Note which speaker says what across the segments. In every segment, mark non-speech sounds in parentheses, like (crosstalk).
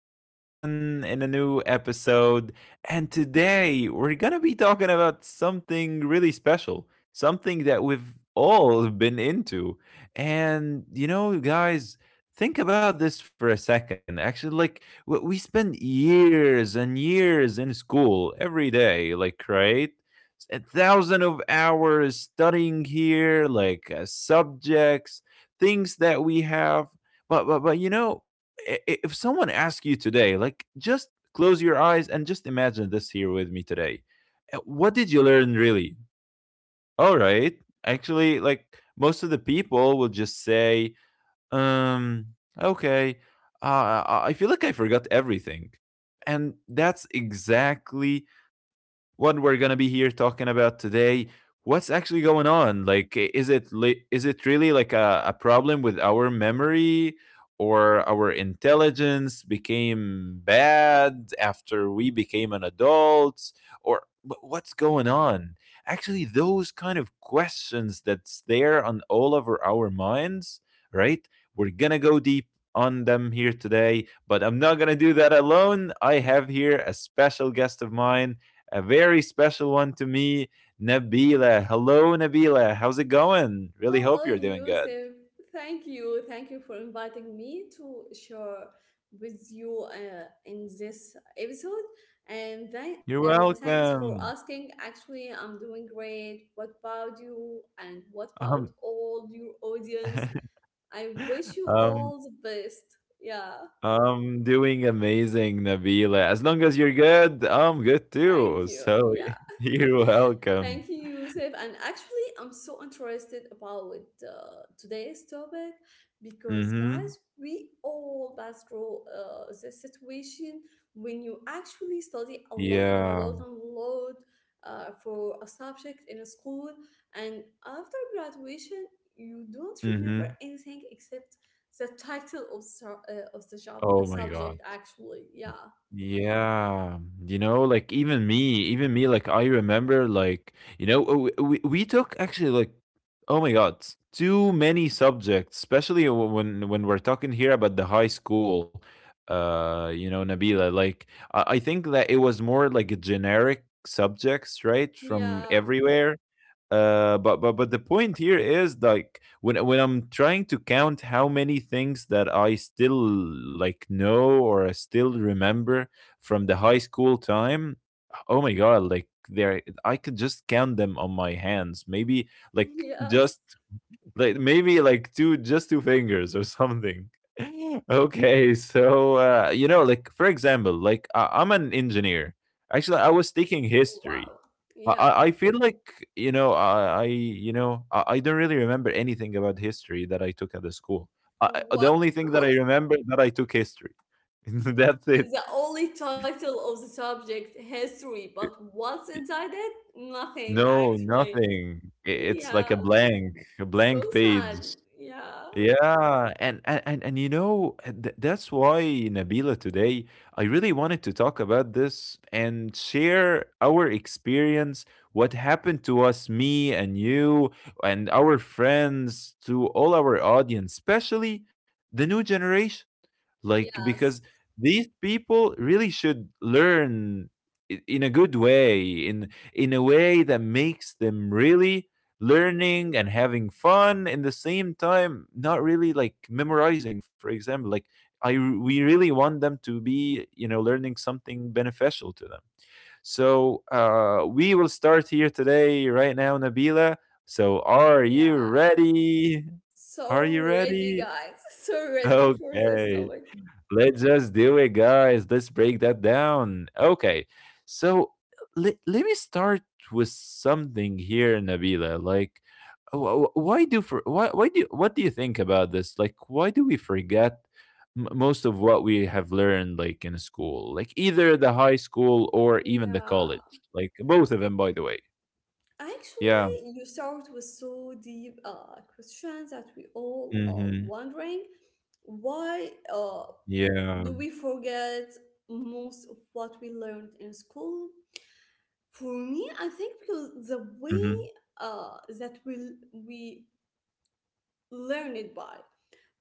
Speaker 1: here and again in a new episode. And today we're going to be talking about something really special, something that we've all been into. And, you know, guys, think about this for a second. Actually, like, we spend years and years in school every day, like, right? A thousand of hours studying here, like, subjects things that we have. But you know, if someone asks you today, like just close your eyes and just imagine this here with me today. What did you learn really? All right. Actually, like most of the people will just say, um, okay, I feel like I forgot everything. And that's exactly what we're gonna be here talking about today. What's actually going on? Like, is it is it really like a problem with our memory or our intelligence became bad after we became an adult or what's going on? Actually, those kind of questions that's there on all over our minds, right? We're gonna go deep on them here today, but I'm not gonna do that alone. I have here a special guest of mine, a very special one to me, Nabila. Hello, Nabila. How's it going? Really hope
Speaker 2: Hello,
Speaker 1: you're doing good.
Speaker 2: Yusuf. Thank you. Thank you for inviting me to share with you in this episode. And
Speaker 1: You're
Speaker 2: thanks for
Speaker 1: welcome.
Speaker 2: asking. Actually, I'm doing great. What about you? And what about
Speaker 1: Um,
Speaker 2: all your audience?
Speaker 1: (laughs)
Speaker 2: I wish you
Speaker 1: um,
Speaker 2: all the best. Yeah.
Speaker 1: I'm doing amazing, Nabila. As long as you're good, I'm good
Speaker 2: Thank
Speaker 1: too.
Speaker 2: you.
Speaker 1: So
Speaker 2: Yeah.
Speaker 1: (laughs) you're welcome.
Speaker 2: Thank you, Yusuf. And actually, I'm so interested about with today's topic because,
Speaker 1: Mm-hmm.
Speaker 2: guys, we all pass through the situation when you actually study
Speaker 1: Yeah.
Speaker 2: a lot for a subject in a school, and after graduation, you don't remember
Speaker 1: Mm-hmm.
Speaker 2: anything except the title of the job
Speaker 1: Oh my God.
Speaker 2: subject. Actually, yeah,
Speaker 1: Yeah, you know, like even me, like I remember, like you know, we took actually like, oh my God, too many subjects, especially when we're talking here about the high school, you know, Nabila. Like I think that it was more like a generic subjects, right, from
Speaker 2: yeah,
Speaker 1: everywhere. But the point here is like when I'm trying to count how many things that I still like know or I still remember from the high school time. Oh my god! Like there, I could just count them on my hands. Maybe
Speaker 2: (laughs)
Speaker 1: like just
Speaker 2: yes,
Speaker 1: like maybe like two just two fingers or something. (laughs) Okay, so you know, like for example, like I'm an engineer. Actually, I was taking history.
Speaker 2: wow, yeah.
Speaker 1: I feel like, you know I I don't really remember anything about history that I took at the school. I, the
Speaker 2: Wow.
Speaker 1: only thing that I
Speaker 2: (laughs)
Speaker 1: remember is that I took history. (laughs) That's it.
Speaker 2: The only title of the subject, history, but what's inside it? Nothing,
Speaker 1: No,
Speaker 2: actually.
Speaker 1: nothing. It's like
Speaker 2: Yeah,
Speaker 1: a blank, a
Speaker 2: so
Speaker 1: blank
Speaker 2: sad.
Speaker 1: page.
Speaker 2: Yeah.
Speaker 1: Yeah, and you know that's why, Nabila, today I really wanted to talk about this and share our experience, what happened to us, me and you and our friends, to all our audience, especially the new generation, like because
Speaker 2: Yes.
Speaker 1: these people really should learn in a good way, in a way that makes them really learning and having fun in the same time, not really like memorizing. For example, like we really want them to be, you know, learning something beneficial to them. So uh, we will start here today right now, Nabila. So are you
Speaker 2: Yeah.
Speaker 1: ready? Are you
Speaker 2: So ready,
Speaker 1: ready?
Speaker 2: guys. (laughs) So
Speaker 1: (laughs)
Speaker 2: ready for this
Speaker 1: Okay.
Speaker 2: topic.
Speaker 1: Let's just do it, guys. Let's break that down. Okay. So let me start with something here, Nabila. Like, wh- wh- why do for why do what do you think about this? Like, why do we forget most of what we have learned, like in school, like either the high school or even the
Speaker 2: Yeah.
Speaker 1: college, like both of them, by the way. Yeah.
Speaker 2: Actually, you start with so deep questions that we all are
Speaker 1: Mm-hmm.
Speaker 2: wondering why
Speaker 1: Yeah.
Speaker 2: do we forget most of what we learned in school. For me, I think because the way
Speaker 1: Mm-hmm.
Speaker 2: that we learn it by.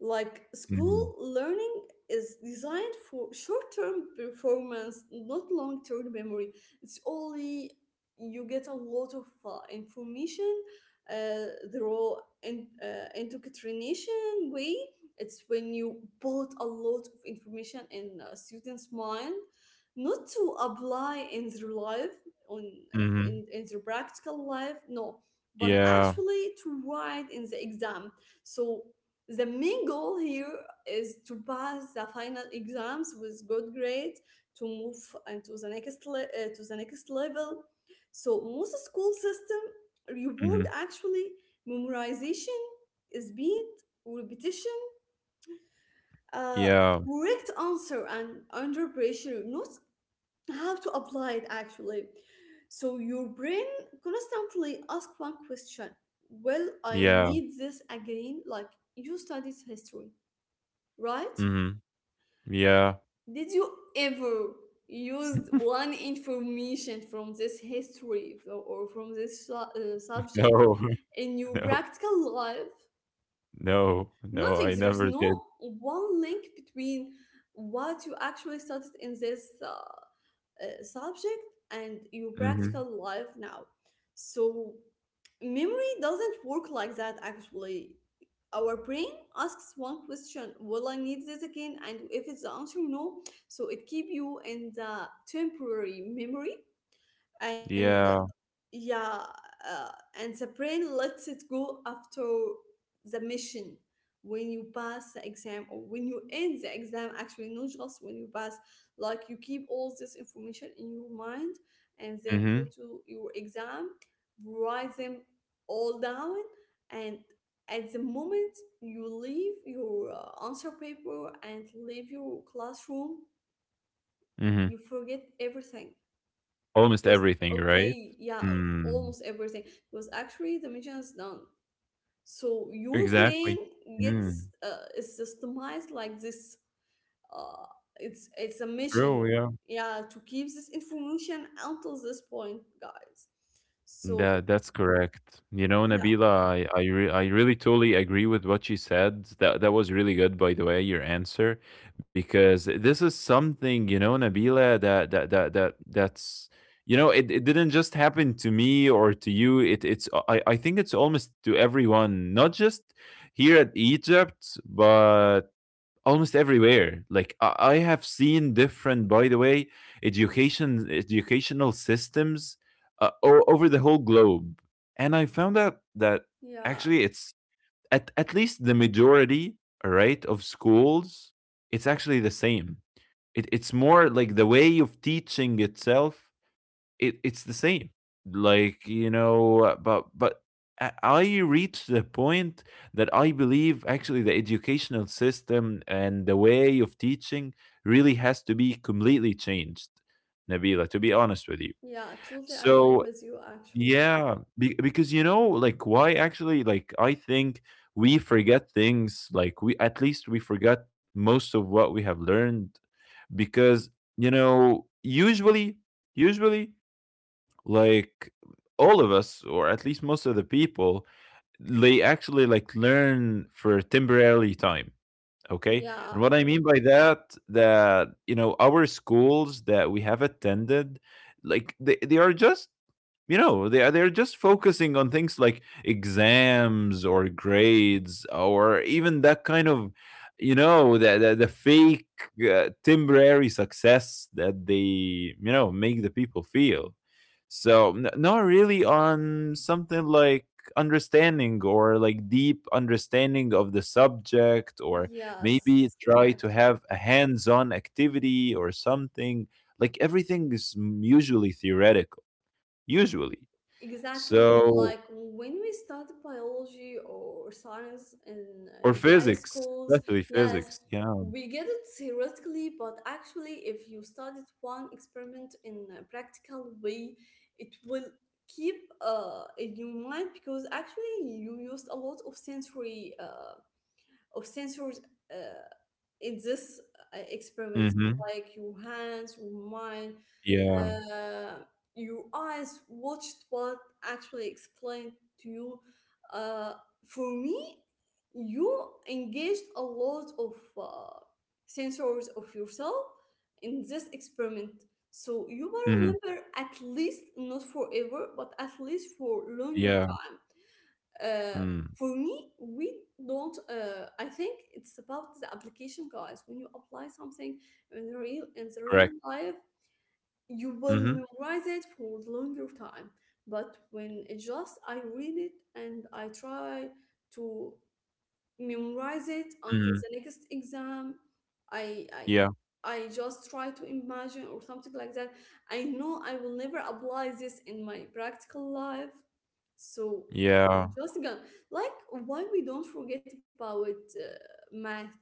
Speaker 2: Like
Speaker 1: Mm-hmm.
Speaker 2: school learning is designed for short term performance, not long term memory. It's only you get a lot of information, uh, the raw indoctrination way. It's when you put a lot of information in a student's mind, not to apply in their life, on
Speaker 1: Mm-hmm.
Speaker 2: in their practical life, no, but
Speaker 1: Yeah.
Speaker 2: actually to write in the exam, so the main goal here is to pass the final exams with good grades to move into the next le- to the next level. So most school system reward
Speaker 1: Mm-hmm.
Speaker 2: actually memorization, speed, repetition, uh,
Speaker 1: Yeah.
Speaker 2: correct answer, and under pressure, not how to apply it actually. So your brain constantly ask one question: will I
Speaker 1: Yeah.
Speaker 2: need this again? Like, you studied history, right?
Speaker 1: Mm-hmm. Yeah.
Speaker 2: Did you ever use one information from this history fro- or from this su- subject
Speaker 1: No, (laughs)
Speaker 2: in your
Speaker 1: no,
Speaker 2: practical life?
Speaker 1: no, no, I
Speaker 2: Nothing. There is
Speaker 1: never did.
Speaker 2: no one link between what you actually studied in this subject and your
Speaker 1: Mhm.
Speaker 2: practical life now. So, memory doesn't work like that actually. Our brain asks one question: will I need this again? And if it's the answer no, so it keep you in the temporary memory, and
Speaker 1: Yeah.
Speaker 2: yeah uh, and the brain lets it go after the mission, when you pass the exam or when you end the exam, actually not just when you pass. Like, you keep all this information in your mind and then go
Speaker 1: Mhm,
Speaker 2: to your exam, write them all down, and at the moment you leave your answer paper and leave your classroom,
Speaker 1: mhm.
Speaker 2: you forget everything.
Speaker 1: Almost
Speaker 2: Because
Speaker 1: everything, right?
Speaker 2: okay, yeah,
Speaker 1: Mm.
Speaker 2: almost everything, was actually the mission is done. So your brain
Speaker 1: Exactly.
Speaker 2: gets
Speaker 1: Mm.
Speaker 2: is systemized like this. Uh, it's a
Speaker 1: True,
Speaker 2: mission,
Speaker 1: yeah.
Speaker 2: yeah, to keep this information until this point, guys. So
Speaker 1: That that's correct. You know,
Speaker 2: yeah,
Speaker 1: Nabila, I really totally agree with what you said. That that was really good, by the way, your answer, because this is something you know, Nabila, that that's you know, it didn't just happen to me or to you. It it's I think it's almost to everyone, not just here at Egypt, but almost everywhere, like I have seen different by the way education educational systems over the whole globe and I found out that
Speaker 2: yeah,
Speaker 1: actually it's at least the majority, all right, of schools, it's actually the same. It, it's more like the way of teaching itself. It it's the same, like you know. But I reached the point that I believe actually the educational system and the way of teaching really has to be completely changed, Nabila, to be honest with you.
Speaker 2: yeah, totally
Speaker 1: So
Speaker 2: agree with you actually.
Speaker 1: yeah, be, because you know, like why actually, like I think we forget things, like we at least we forgot most of what we have learned because you know usually, usually, like all of us or at least most of the people, they actually like learn for temporarily time. Okay, and
Speaker 2: Yeah,
Speaker 1: what I mean by that, that you know our schools that we have attended, like they are just you know, they're just focusing on things like exams or grades or even that kind of, you know, the the fake temporary success that they, you know, make the people feel. So, not really on something like understanding or like deep understanding of the subject, or maybe
Speaker 2: yes,
Speaker 1: try to
Speaker 2: actually.
Speaker 1: have a hands-on activity or something, like everything is usually theoretical, usually.
Speaker 2: Exactly.
Speaker 1: So,
Speaker 2: Like when we started biology or science
Speaker 1: or
Speaker 2: in high
Speaker 1: physics,
Speaker 2: schools,
Speaker 1: especially
Speaker 2: yes,
Speaker 1: physics, yeah.
Speaker 2: we get it theoretically, but actually, if you studied one experiment in a practical way, it will keep in your mind, because actually you used a lot of sensory of sensors uh, in this experiment,
Speaker 1: Mhm.
Speaker 2: like your hands, your mind,
Speaker 1: Yeah.
Speaker 2: uh, your eyes watched what actually explained to you. Uh, for me, you engaged a lot of uh, sensors of yourself in this experiment. So you will
Speaker 1: Mhm.
Speaker 2: remember, at least not forever, but at least for longer
Speaker 1: Yeah.
Speaker 2: time. Uh,
Speaker 1: Mm,
Speaker 2: for me, we don't. I think it's about the application, guys. When you apply something in the real
Speaker 1: correct.
Speaker 2: life, you will
Speaker 1: Mhm.
Speaker 2: memorize it for the longer time. But when it's just I read it and I try to memorize it until
Speaker 1: Mhm.
Speaker 2: the next exam, I I
Speaker 1: Yeah.
Speaker 2: I just try to imagine or something like that. I know I will never apply this in my practical life. So
Speaker 1: Yeah.
Speaker 2: just again, like why we don't forget about math.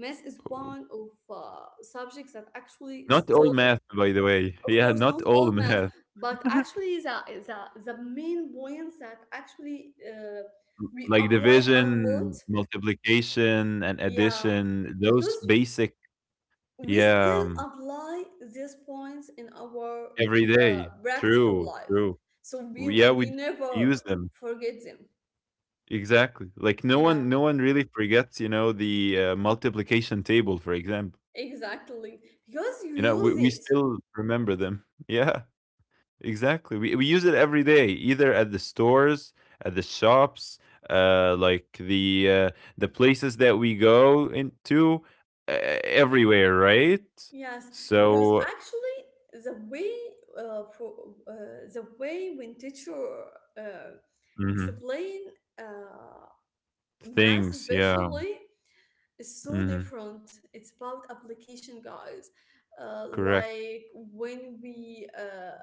Speaker 2: Math is one of subjects that actually
Speaker 1: Not all
Speaker 2: still
Speaker 1: math, by the way. (laughs)
Speaker 2: of
Speaker 1: Yeah,
Speaker 2: course, not
Speaker 1: not
Speaker 2: all
Speaker 1: all
Speaker 2: math,
Speaker 1: math.
Speaker 2: but actually the, the main points that actually we
Speaker 1: Like
Speaker 2: applied a lot,
Speaker 1: division, multiplication, and
Speaker 2: yeah,
Speaker 1: addition,
Speaker 2: because
Speaker 1: those basic,
Speaker 2: we
Speaker 1: yeah,
Speaker 2: still apply these points in our
Speaker 1: every day.
Speaker 2: practical
Speaker 1: True,
Speaker 2: life,
Speaker 1: true.
Speaker 2: so we
Speaker 1: Yeah, we,
Speaker 2: we
Speaker 1: we
Speaker 2: never
Speaker 1: use them.
Speaker 2: forget them.
Speaker 1: Exactly. Like
Speaker 2: Yeah,
Speaker 1: no one really forgets, you know, the multiplication table, for example.
Speaker 2: exactly, because you
Speaker 1: You know,
Speaker 2: use
Speaker 1: we
Speaker 2: it.
Speaker 1: still remember them. (laughs) Yeah, exactly. We use it every day, either at the stores, at the shops, uh, like the uh, the places that we go into, uh, everywhere, right?
Speaker 2: Yes, because
Speaker 1: So
Speaker 2: actually uh, for the way when teacher uh,
Speaker 1: mhm,
Speaker 2: explain uh, math
Speaker 1: things, yeah,
Speaker 2: especially is so
Speaker 1: hmm,
Speaker 2: different. It's about application, guys.
Speaker 1: correct.
Speaker 2: Like when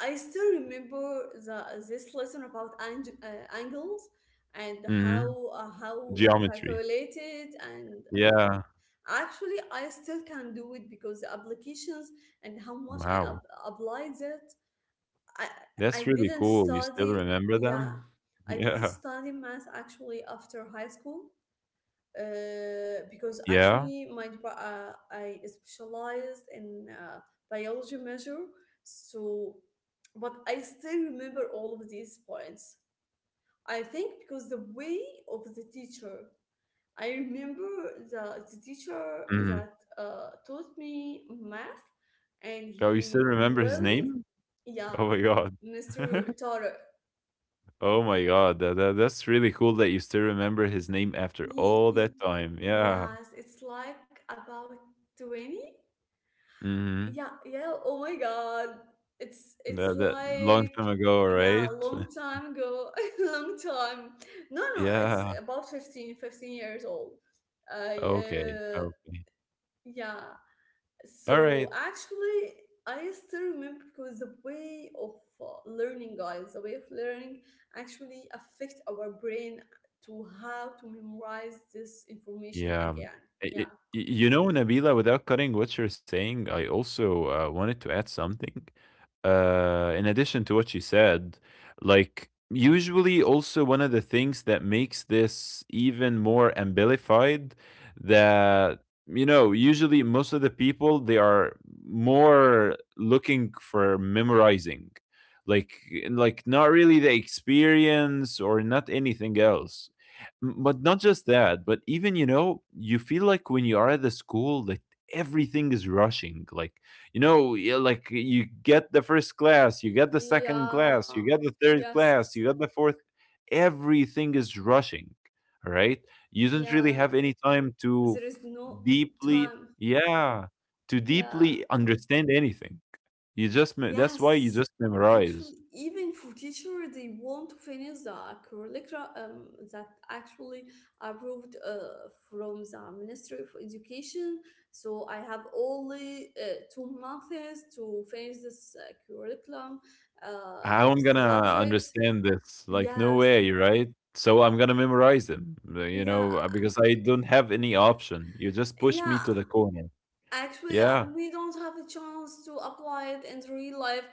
Speaker 2: I still remember the this lesson about angles and
Speaker 1: Hmm,
Speaker 2: how to
Speaker 1: geometry,
Speaker 2: calculate it. And
Speaker 1: yeah.
Speaker 2: actually, I still can do it because the applications and how much I
Speaker 1: Wow,
Speaker 2: applied it. I I
Speaker 1: that's really
Speaker 2: didn't
Speaker 1: cool. You still
Speaker 2: study.
Speaker 1: remember
Speaker 2: Yeah,
Speaker 1: them? (laughs)
Speaker 2: I didn't
Speaker 1: Yeah,
Speaker 2: study math actually after high school. Because
Speaker 1: yeah.
Speaker 2: actually I specialized in biology measure. So, but I still remember all of these points. I think because the way of the teacher. I remember the teacher
Speaker 1: Hmm.
Speaker 2: that taught me math, and
Speaker 1: Oh, you still
Speaker 2: he
Speaker 1: remember his
Speaker 2: really,
Speaker 1: name?
Speaker 2: yeah,
Speaker 1: Oh my God.
Speaker 2: Mr.
Speaker 1: (laughs)
Speaker 2: Tarek.
Speaker 1: Oh my god, that, that that's really cool that you still remember his name after all
Speaker 2: He,
Speaker 1: that
Speaker 2: he,
Speaker 1: time. Yeah.
Speaker 2: yes, it's like about 20.
Speaker 1: Hmm.
Speaker 2: Yeah, yeah, oh my God. It's
Speaker 1: That that long
Speaker 2: like,
Speaker 1: time ago,
Speaker 2: yeah,
Speaker 1: right?
Speaker 2: long
Speaker 1: (laughs)
Speaker 2: time ago, (laughs) long time. No, no, it's
Speaker 1: Yeah.
Speaker 2: about 15 15 years old. I,
Speaker 1: Okay.
Speaker 2: uh,
Speaker 1: Okay.
Speaker 2: yeah,
Speaker 1: All right.
Speaker 2: so actually, I still remember because the way of learning, guys, the way of learning actually affect our brain to how to memorize this information
Speaker 1: Yeah.
Speaker 2: again.
Speaker 1: I- I-
Speaker 2: Yeah.
Speaker 1: you know, Nabila, without cutting what you're saying, I also wanted to add something. In addition to what you said, like usually also one of the things that makes this even more amplified, that you know usually most of the people they are more looking for memorizing, like like not really the experience or not anything else. But not just that, but even you know you feel like when you are at the school that everything is rushing, like you know, yeah, like you get the first class, you get the second class,
Speaker 2: Yeah.
Speaker 1: you get the third
Speaker 2: Yes.
Speaker 1: class, you get the fourth. Everything is rushing, all right? You don't really
Speaker 2: Yeah.
Speaker 1: have any time
Speaker 2: There
Speaker 1: to
Speaker 2: is no
Speaker 1: deeply,
Speaker 2: time.
Speaker 1: yeah, to
Speaker 2: Yeah.
Speaker 1: deeply understand anything. You just, that's why you
Speaker 2: Yes,
Speaker 1: just
Speaker 2: actually,
Speaker 1: memorize.
Speaker 2: even for teacher, they want to finish the curricula that actually approved from the Ministry of Education. So I have only 2 months to finish this curriculum
Speaker 1: How am I
Speaker 2: of
Speaker 1: gonna
Speaker 2: subjects.
Speaker 1: understand this? Like, no
Speaker 2: Yes,
Speaker 1: way, right? So I'm gonna memorize them,
Speaker 2: yeah,
Speaker 1: because I don't have any option. You just push me
Speaker 2: yeah.
Speaker 1: to the corner.
Speaker 2: Actually,
Speaker 1: Yeah.
Speaker 2: we don't have a chance to apply it in real life.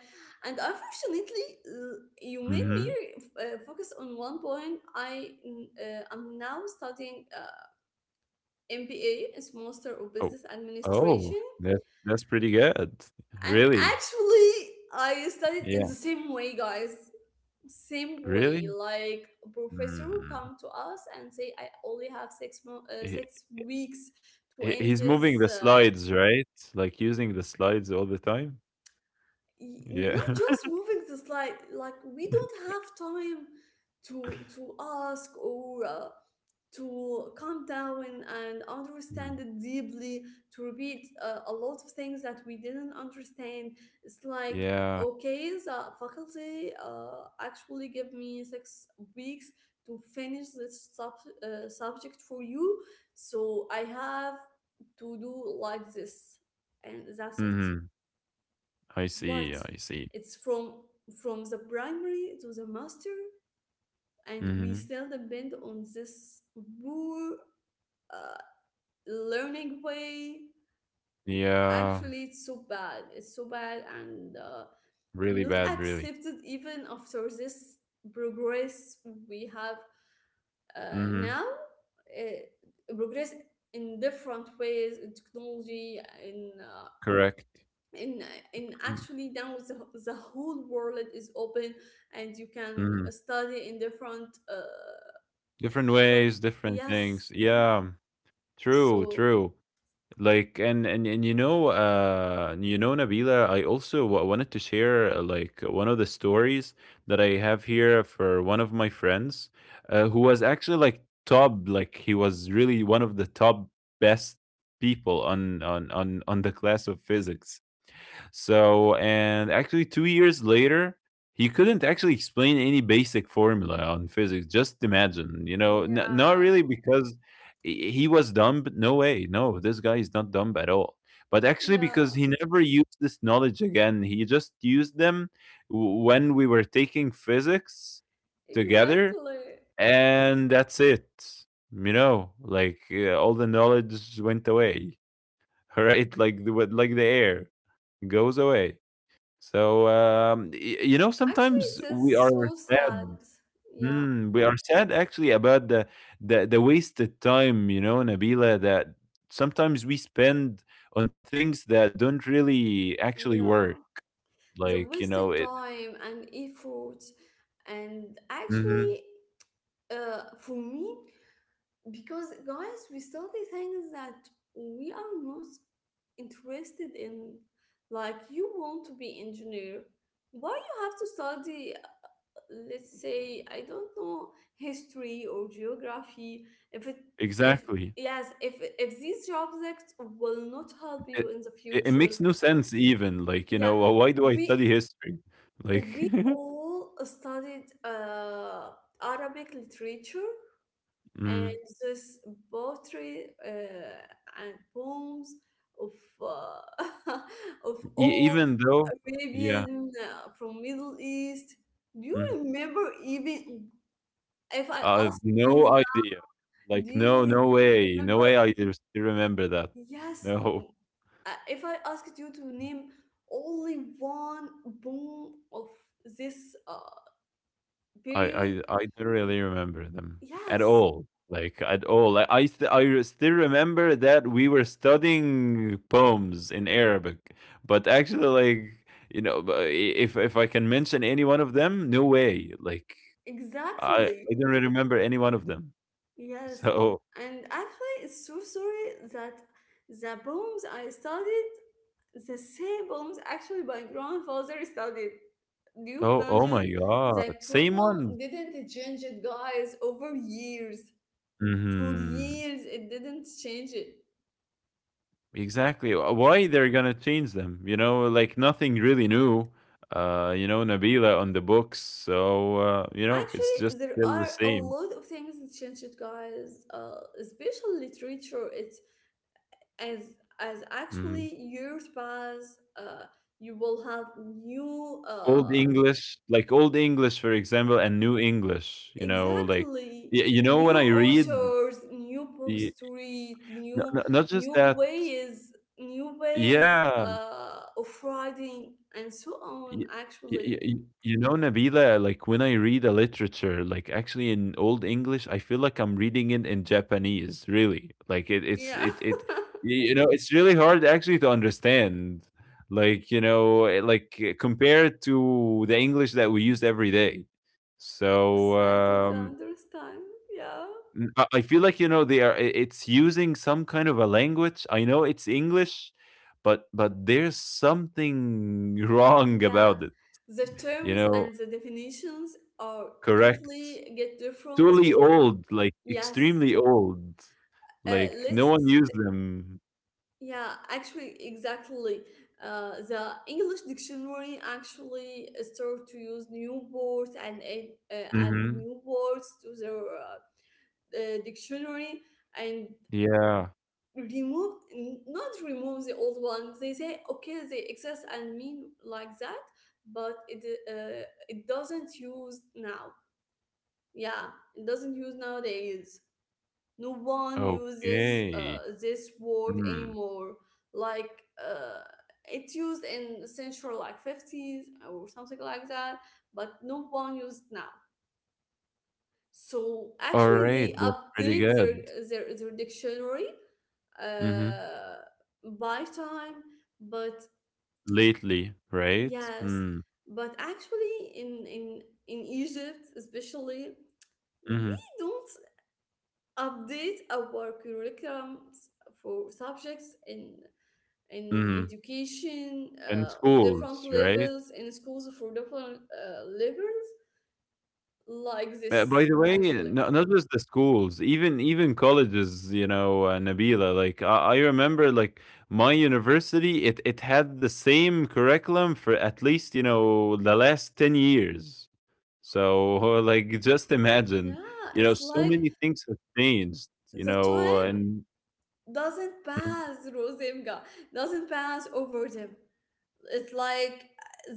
Speaker 2: And unfortunately, you made me
Speaker 1: Hmm.
Speaker 2: focus on one point. I am now studying MBA, it's Master of
Speaker 1: Oh.
Speaker 2: Business
Speaker 1: Oh,
Speaker 2: Administration.
Speaker 1: that's pretty good.
Speaker 2: And
Speaker 1: Really?
Speaker 2: actually, I studied in
Speaker 1: Yeah.
Speaker 2: the same way, guys. Same
Speaker 1: Really?
Speaker 2: way, like professor will
Speaker 1: Mm.
Speaker 2: come to us and say, "I only have
Speaker 1: He
Speaker 2: 6 weeks to end
Speaker 1: he's
Speaker 2: this."
Speaker 1: moving the slides, right? Like, using the slides all the time? Yeah.
Speaker 2: Not just moving the slide, like we don't
Speaker 1: (laughs)
Speaker 2: have time to ask, or to calm down and
Speaker 1: Mm.
Speaker 2: understand it deeply, to repeat a lot of things that we didn't understand. It's like,
Speaker 1: Yeah.
Speaker 2: okay, the faculty actually give me 6 weeks to finish this subject for you, so I have to do like this, and that's it.
Speaker 1: Mhm. I see,
Speaker 2: What?
Speaker 1: I see.
Speaker 2: It's from the primary to the master, and we
Speaker 1: Mhm.
Speaker 2: still depend on this poor uh, learning way.
Speaker 1: Yeah.
Speaker 2: Actually, it's so bad. It's so bad, and
Speaker 1: Really
Speaker 2: not
Speaker 1: bad, really.
Speaker 2: accepted even after this progress we have
Speaker 1: Mhm.
Speaker 2: now. Progress in different ways, in technology, in
Speaker 1: Correct.
Speaker 2: and and
Speaker 1: Mhm.
Speaker 2: actually now the whole world is open, and you can
Speaker 1: Mhm.
Speaker 2: study in different
Speaker 1: Different
Speaker 2: faculty,
Speaker 1: ways, different things.
Speaker 2: yes,
Speaker 1: Yeah. True,
Speaker 2: so
Speaker 1: true. Like and you know, Nabila, I also wanted to share like one of the stories that I have here for one of my friends, who was actually like top, like he was really one of the top best people on the class of physics. So, and actually, 2 years later, he couldn't actually explain any basic formula on physics. Just imagine, you know, not
Speaker 2: yeah,
Speaker 1: really because he was dumb. But no way, no, this guy is not dumb at all. But actually,
Speaker 2: yeah,
Speaker 1: because he never used this knowledge again, he just used them when we were taking physics
Speaker 2: exactly,
Speaker 1: together, and that's it. You know, like all the knowledge went away, (laughs) right? Like the air goes away. So, y you know,
Speaker 2: actually,
Speaker 1: sometimes we
Speaker 2: it's
Speaker 1: are
Speaker 2: so sad,
Speaker 1: sad.
Speaker 2: yeah,
Speaker 1: Mm, we are sad actually about the wasted time, you know, Nabila, that sometimes we spend on things that don't really actually
Speaker 2: yeah,
Speaker 1: work.
Speaker 2: the
Speaker 1: Like, you
Speaker 2: wasted
Speaker 1: know, it.
Speaker 2: time and effort. And actually,
Speaker 1: Mhm.
Speaker 2: for me, because guys, we study things that we are not interested in. Like you want to be engineer, why you have to study, let's say I don't know, history or geography, if it if
Speaker 1: Exactly.
Speaker 2: yes, if these subjects will not help you
Speaker 1: It,
Speaker 2: in the
Speaker 1: it
Speaker 2: future.
Speaker 1: makes no sense even. Like, you
Speaker 2: Yeah,
Speaker 1: know, "Well, why do I
Speaker 2: we
Speaker 1: study history? Like,
Speaker 2: we
Speaker 1: (laughs)
Speaker 2: all studied arabic literature
Speaker 1: mm,
Speaker 2: and this poetry, and poems of uh, (laughs) of old
Speaker 1: even though, yeah.
Speaker 2: Arabian from Middle East. Do you
Speaker 1: Mm-hmm.
Speaker 2: remember even, if I
Speaker 1: I've
Speaker 2: asked you,
Speaker 1: no
Speaker 2: now,
Speaker 1: idea.
Speaker 2: do
Speaker 1: Like,
Speaker 2: you
Speaker 1: no, no way, no
Speaker 2: remember?
Speaker 1: way. I do still remember that.
Speaker 2: Yes,
Speaker 1: No,
Speaker 2: if I asked you to name only one poem of this
Speaker 1: I, I,
Speaker 2: period,
Speaker 1: I don't really remember them at
Speaker 2: yes,
Speaker 1: all. Like at all. I still remember that we were studying poems in Arabic, but actually, like you know, if I can mention any one of them, no way. Like I
Speaker 2: exactly.
Speaker 1: don't really remember any one of them.
Speaker 2: Yes,
Speaker 1: So,
Speaker 2: and actually, it's so sorry that the poems I studied, the same poems actually my grandfather studied. New
Speaker 1: oh my
Speaker 2: version, the
Speaker 1: God, same one.
Speaker 2: curriculum didn't change it, guys, over years. For
Speaker 1: Hmm.
Speaker 2: years, it didn't change it.
Speaker 1: Exactly. Why they're gonna change them? Like nothing really new. Nabila on the books, so you know it's
Speaker 2: Actually,
Speaker 1: just
Speaker 2: there
Speaker 1: still the
Speaker 2: are a
Speaker 1: same.
Speaker 2: lot of things that changed it, guys. Especially literature. It's as as
Speaker 1: Mhm.
Speaker 2: actually years pass, you will have new
Speaker 1: Old
Speaker 2: uh.
Speaker 1: English, like Old English, for example, and New English. You know, like
Speaker 2: Exactly.
Speaker 1: you know when
Speaker 2: New
Speaker 1: I read
Speaker 2: authors, new books
Speaker 1: the
Speaker 2: to read,
Speaker 1: not just
Speaker 2: new
Speaker 1: that.
Speaker 2: ways, new ways
Speaker 1: Yeah,
Speaker 2: of writing, and so
Speaker 1: Y
Speaker 2: on.
Speaker 1: y y
Speaker 2: Actually,
Speaker 1: y you know, Nabila, like when I read a literature, like actually in Old English, I feel like I'm reading it in Japanese, really. Like it, it's
Speaker 2: yeah.
Speaker 1: it it you know, it's really hard actually to understand. Like, you know, like compared to the English that we use every day.
Speaker 2: (laughs) yes,
Speaker 1: So,
Speaker 2: I totally understand. Yeah,
Speaker 1: I feel like, you know, it's using some kind of a language. I know it's English, but there's something (laughs) wrong
Speaker 2: yeah.
Speaker 1: about it
Speaker 2: The
Speaker 1: you
Speaker 2: terms
Speaker 1: know
Speaker 2: and the definitions are
Speaker 1: Correct.
Speaker 2: totally get different
Speaker 1: Totally
Speaker 2: role.
Speaker 1: old, like
Speaker 2: Yes.
Speaker 1: extremely old. Like no one
Speaker 2: Let's
Speaker 1: used them.
Speaker 2: yeah, actually, exactly. The English dictionary actually start to use new words and add
Speaker 1: Hmm.
Speaker 2: new words to their dictionary, and
Speaker 1: Yeah.
Speaker 2: remove, not remove the old ones. They say, okay, they exist and mean like that, but it, it doesn't use now. Yeah, it doesn't use nowadays, no one uses
Speaker 1: Okay.
Speaker 2: this word
Speaker 1: Mm.
Speaker 2: anymore. Like uh, it used in the century like 50s or something like that, but no one uses now. So
Speaker 1: All
Speaker 2: actually
Speaker 1: right.
Speaker 2: they
Speaker 1: That's pretty
Speaker 2: update their
Speaker 1: good.
Speaker 2: their dictionary
Speaker 1: Hmm.
Speaker 2: uh, by time. But
Speaker 1: Lately, right?
Speaker 2: yes,
Speaker 1: Mm.
Speaker 2: but actually in in egypt especially we
Speaker 1: Hmm.
Speaker 2: don't update our curriculums for subjects in
Speaker 1: Hmm.
Speaker 2: education
Speaker 1: In
Speaker 2: of different
Speaker 1: schools, right?
Speaker 2: levels in schools for different levels like
Speaker 1: By
Speaker 2: this.
Speaker 1: the way,
Speaker 2: Actually
Speaker 1: no, not just the schools, even colleges. You know, Nabila. Like I remember, like my university, it had the same curriculum for at least the last 10 years. So (laughs) like, just
Speaker 2: yeah,
Speaker 1: imagine,
Speaker 2: it's
Speaker 1: so
Speaker 2: like
Speaker 1: many things have changed.
Speaker 2: the time
Speaker 1: And
Speaker 2: doesn't
Speaker 1: Mhm.
Speaker 2: pass rosemga, doesn't pass over them. It's like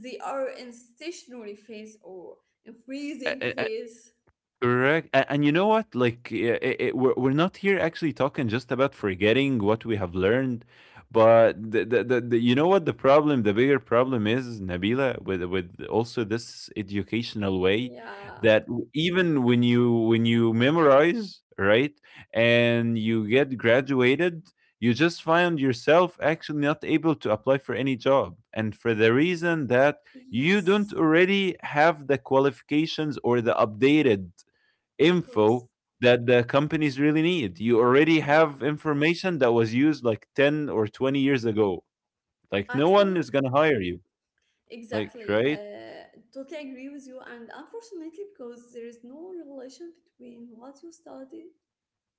Speaker 2: they are in stationary phase or in
Speaker 1: A-
Speaker 2: freezing
Speaker 1: a-
Speaker 2: phase.
Speaker 1: Correct. And you know what? Like, we're not here actually talking just about forgetting what we have learned, but you know what the problem, the bigger problem is, Nabila, with also this educational way
Speaker 2: Yeah,
Speaker 1: that even when you memorize, right, and you get graduated, you just find yourself actually not able to apply for any job, and for the reason that you
Speaker 2: yes,
Speaker 1: don't already have the qualifications or the updated
Speaker 2: because
Speaker 1: info that the companies really need. You already have
Speaker 2: yeah,
Speaker 1: information that was used like 10 or 20 years ago. Like no one
Speaker 2: actually
Speaker 1: is going to hire you. Like,
Speaker 2: exactly.
Speaker 1: right?
Speaker 2: Totally agree with you. And unfortunately, because there is no relation between what you studied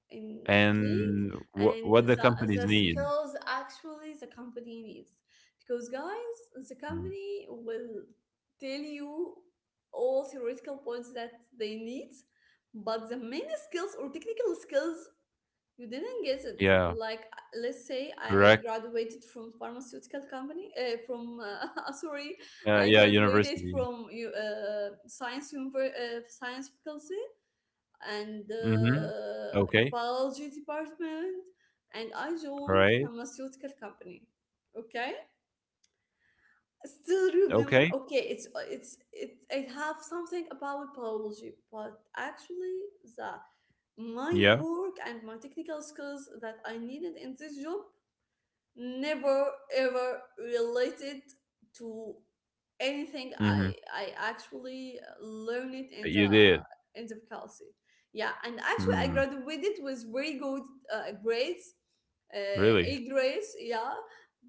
Speaker 2: in a clique
Speaker 1: And
Speaker 2: and
Speaker 1: what the
Speaker 2: the,
Speaker 1: companies
Speaker 2: the
Speaker 1: need.
Speaker 2: skills actually the company needs. Because, guys, the
Speaker 1: Mm.
Speaker 2: company will tell you all theoretical points that they need, but the main skills or technical skills you didn't get it.
Speaker 1: Yeah,
Speaker 2: Like, let's say I
Speaker 1: correct.
Speaker 2: graduated from pharmaceutical company, from, (laughs) sorry, I
Speaker 1: Yeah,
Speaker 2: graduated
Speaker 1: university.
Speaker 2: from science, science faculty and
Speaker 1: Mhm. Okay.
Speaker 2: biology department, and I
Speaker 1: All
Speaker 2: joined
Speaker 1: right.
Speaker 2: pharmaceutical company. Okay? Still remember,
Speaker 1: Okay.
Speaker 2: okay, it's it I have something about biology, but actually the my
Speaker 1: Yeah.
Speaker 2: work and my technical skills that I needed in this job never ever related to anything i
Speaker 1: Mhm.
Speaker 2: i actually learned it
Speaker 1: You did.
Speaker 2: in the faculty. Yeah, and actually I
Speaker 1: Mm.
Speaker 2: graduated with very good grades,
Speaker 1: Really?
Speaker 2: a grades, yeah.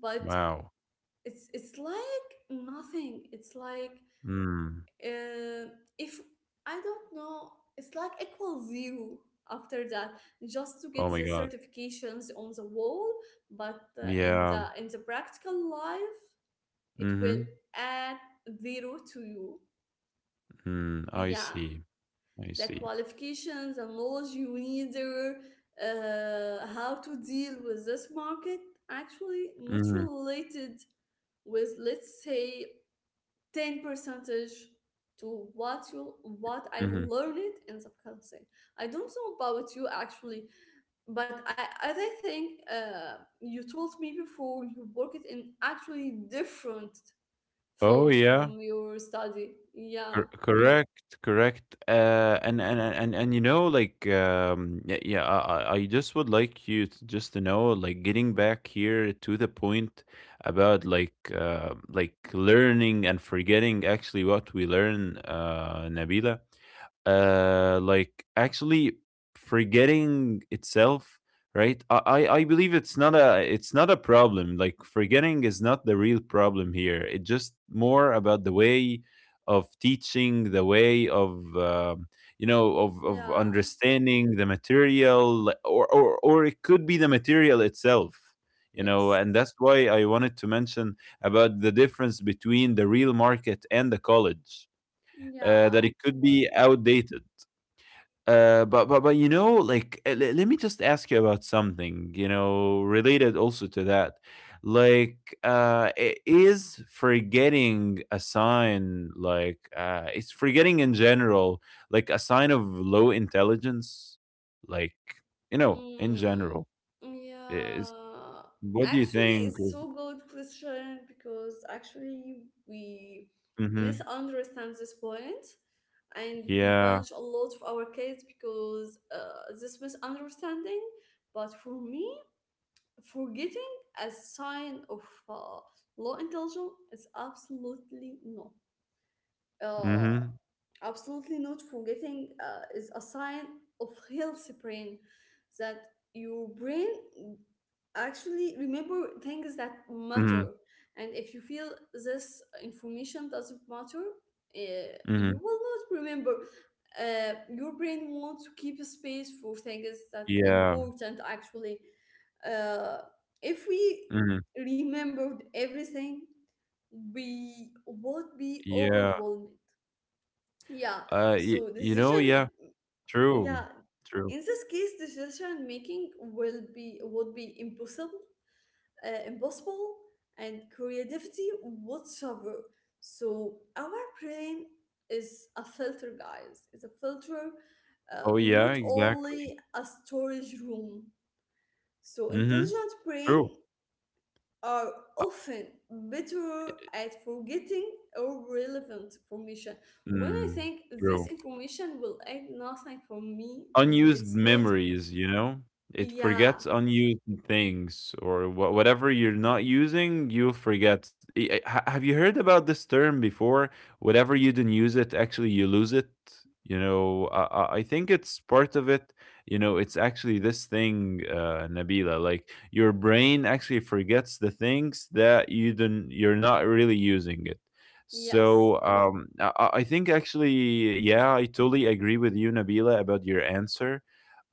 Speaker 2: But
Speaker 1: Wow.
Speaker 2: it's like nothing. It's like
Speaker 1: Mm.
Speaker 2: uh, if I don't know, it's like equal zero after that, just to get
Speaker 1: Oh my
Speaker 2: the
Speaker 1: God.
Speaker 2: certifications on the wall. But
Speaker 1: Yeah.
Speaker 2: in the practical life it will
Speaker 1: Mhm.
Speaker 2: add zero to you,
Speaker 1: Mm. I
Speaker 2: yeah,
Speaker 1: see. I
Speaker 2: the
Speaker 1: see.
Speaker 2: qualifications and knowledge you need there, how to deal with this market, actually not
Speaker 1: Mhm.
Speaker 2: related with let's say 10 percentage to what you what I
Speaker 1: Mhm.
Speaker 2: learned in subconscious. I don't know about you actually, but I as I think you told me before you worked in actually different field
Speaker 1: Oh
Speaker 2: from
Speaker 1: yeah,
Speaker 2: your study. Yeah,
Speaker 1: correct, correct. You know, like yeah, yeah. I just would like you to just to know, like getting back here to the point about like learning and forgetting actually what we learn, Nabila, like actually forgetting itself, right. I believe it's not a, it's not a problem. Like forgetting is not the real problem here. It's just more about the way of teaching, the way of you know, of
Speaker 2: yeah,
Speaker 1: understanding the material, or it could be the material itself, you know.
Speaker 2: yes,
Speaker 1: And that's why I wanted to mention about the difference between the real market and the college, that
Speaker 2: yeah.
Speaker 1: it could be outdated. But but you know, like let me just ask you about something, related also to that. Like, is forgetting a sign, like it's forgetting in general, like a sign of low intelligence, like, in
Speaker 2: Mm,
Speaker 1: general. Is
Speaker 2: yeah,
Speaker 1: What do you
Speaker 2: actually,
Speaker 1: think?
Speaker 2: it's so good question because actually we
Speaker 1: Mm-hmm.
Speaker 2: misunderstand this point and we
Speaker 1: Yeah.
Speaker 2: punish a lot of our kids because this misunderstanding. But for me, forgetting as a sign of uh, low intelligence is absolutely no. Uh,
Speaker 1: Mm-hmm.
Speaker 2: Absolutely not, forgetting is a sign of healthy brain, that your brain actually remember things that
Speaker 1: Mm-hmm.
Speaker 2: matter. And if you feel this information doesn't matter, uh, you
Speaker 1: Mm-hmm.
Speaker 2: will not remember. Your brain wants to keep a space for things that
Speaker 1: Yeah.
Speaker 2: important actually. uh, if we
Speaker 1: Mm-hmm.
Speaker 2: remembered everything, we would be
Speaker 1: Yeah.
Speaker 2: overwhelmed. Yeah, so
Speaker 1: You know,
Speaker 2: decision,
Speaker 1: yeah. True.
Speaker 2: yeah,
Speaker 1: True.
Speaker 2: in this case, decision making will be, would be impossible, impossible, and creativity would suffer. So our brain is a filter, guys. It's a filter,
Speaker 1: Oh, yeah,
Speaker 2: not
Speaker 1: exactly.
Speaker 2: only a storage room. So
Speaker 1: Mhm.
Speaker 2: intelligent brain
Speaker 1: True.
Speaker 2: are
Speaker 1: Uh,
Speaker 2: often better at forgetting irrelevant information. When I
Speaker 1: mm,
Speaker 2: think this
Speaker 1: true.
Speaker 2: information will add nothing for me,
Speaker 1: Unused
Speaker 2: it's not.
Speaker 1: memories, you know? It
Speaker 2: Yeah,
Speaker 1: forgets unused things, or whatever you're not using, you'll forget. I ha Have you heard about this term before? Whatever you didn't use it, actually you lose it. You know, I think it's part of it. You know, it's actually this thing, Nabila, like your brain actually forgets the things that you didn't, you're not really using it.
Speaker 2: yes,
Speaker 1: So I think actually, yeah, I totally agree with you, Nabila, about your answer.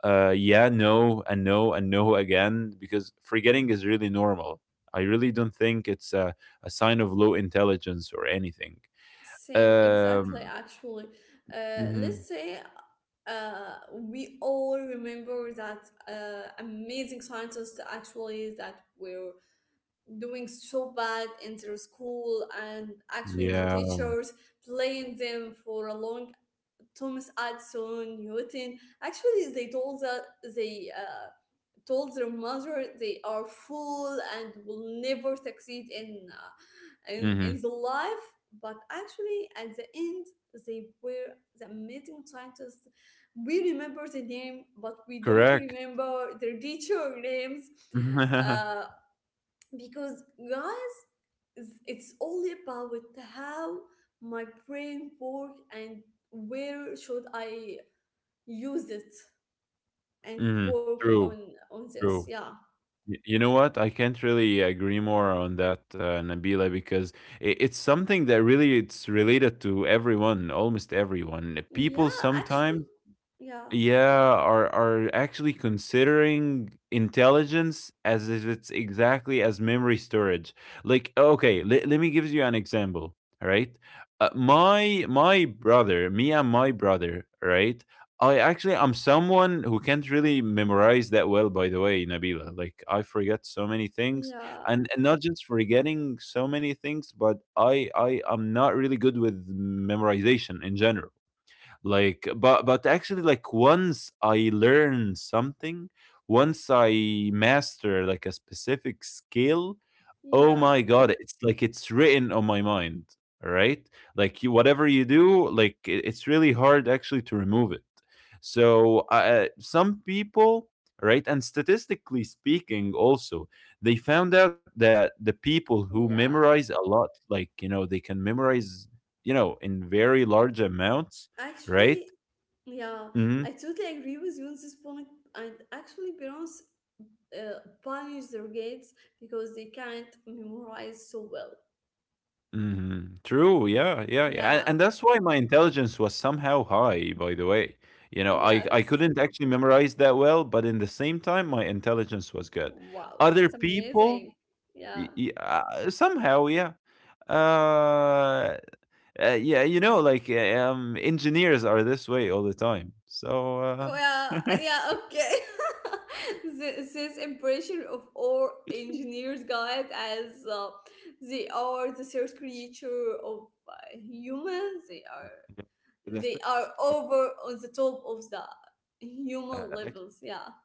Speaker 1: Yeah, no, and no, and no again, because forgetting is really normal. I really don't think it's a sign of low intelligence or anything.
Speaker 2: same, exactly.
Speaker 1: Um,
Speaker 2: Actually,
Speaker 1: mhm,
Speaker 2: let's say we all remember that amazing scientists actually that were doing so bad in their school, and actually their
Speaker 1: yeah.
Speaker 2: teachers blamed them for a long. Thomas Edison, Newton. Actually, they told that they told their mother they are fool and will never succeed in
Speaker 1: Hmm.
Speaker 2: the life. But actually, at the end, they were the amazing scientists. We remember the name, but we don't
Speaker 1: Correct.
Speaker 2: remember their teacher names,
Speaker 1: (laughs)
Speaker 2: uh, because guys, it's all about how my brain work and where should I use it and
Speaker 1: Hmm.
Speaker 2: work
Speaker 1: True.
Speaker 2: on this.
Speaker 1: True.
Speaker 2: Yeah,
Speaker 1: You know what? I can't really agree more on that, Nabila, because it's something that really it's related to everyone, almost everyone.
Speaker 2: yeah,
Speaker 1: People
Speaker 2: actually,
Speaker 1: sometimes,
Speaker 2: yeah,
Speaker 1: yeah, are actually considering intelligence as if it's exactly as memory storage. Like okay, let me give you an example. All right, my, my brother, me and my brother, right, I actually, I'm someone who can't really memorize that well, by the way, Nabila. Like I forget so many things,
Speaker 2: yeah,
Speaker 1: and not just forgetting so many things, but I am not really good with memorization in general. Like, but actually, like once I learn something, once I master like a specific skill, oh
Speaker 2: yeah,
Speaker 1: my God, it's like it's written on my mind, right? Like you, whatever you do, like it's really hard actually to remove it. So some people, right, and statistically speaking, also they found out that the people who
Speaker 2: yeah,
Speaker 1: memorize a lot, like you know, they can memorize, in very large amounts, right?
Speaker 2: actually, yeah,
Speaker 1: Mhm.
Speaker 2: I totally agree with you on this point. And actually parents punish their kids because they can't memorize so well.
Speaker 1: Hmm. True. Yeah. Yeah. Yeah. And,
Speaker 2: Yeah,
Speaker 1: and that's why my intelligence was somehow high, by the way. You know, I
Speaker 2: yes,
Speaker 1: couldn't actually memorize that well, but in the same time, my intelligence was good.
Speaker 2: wow,
Speaker 1: Other
Speaker 2: it's
Speaker 1: people,
Speaker 2: amazing. Yeah.
Speaker 1: somehow, yeah. Uh, yeah, you know, like engineers are this way all the time. So
Speaker 2: Well, yeah, okay. (laughs) This impression of all engineers, guys, as they are the third creature of humans. They are
Speaker 1: yeah, the third,
Speaker 2: over on the top of the human
Speaker 1: actually,
Speaker 2: levels. Yeah,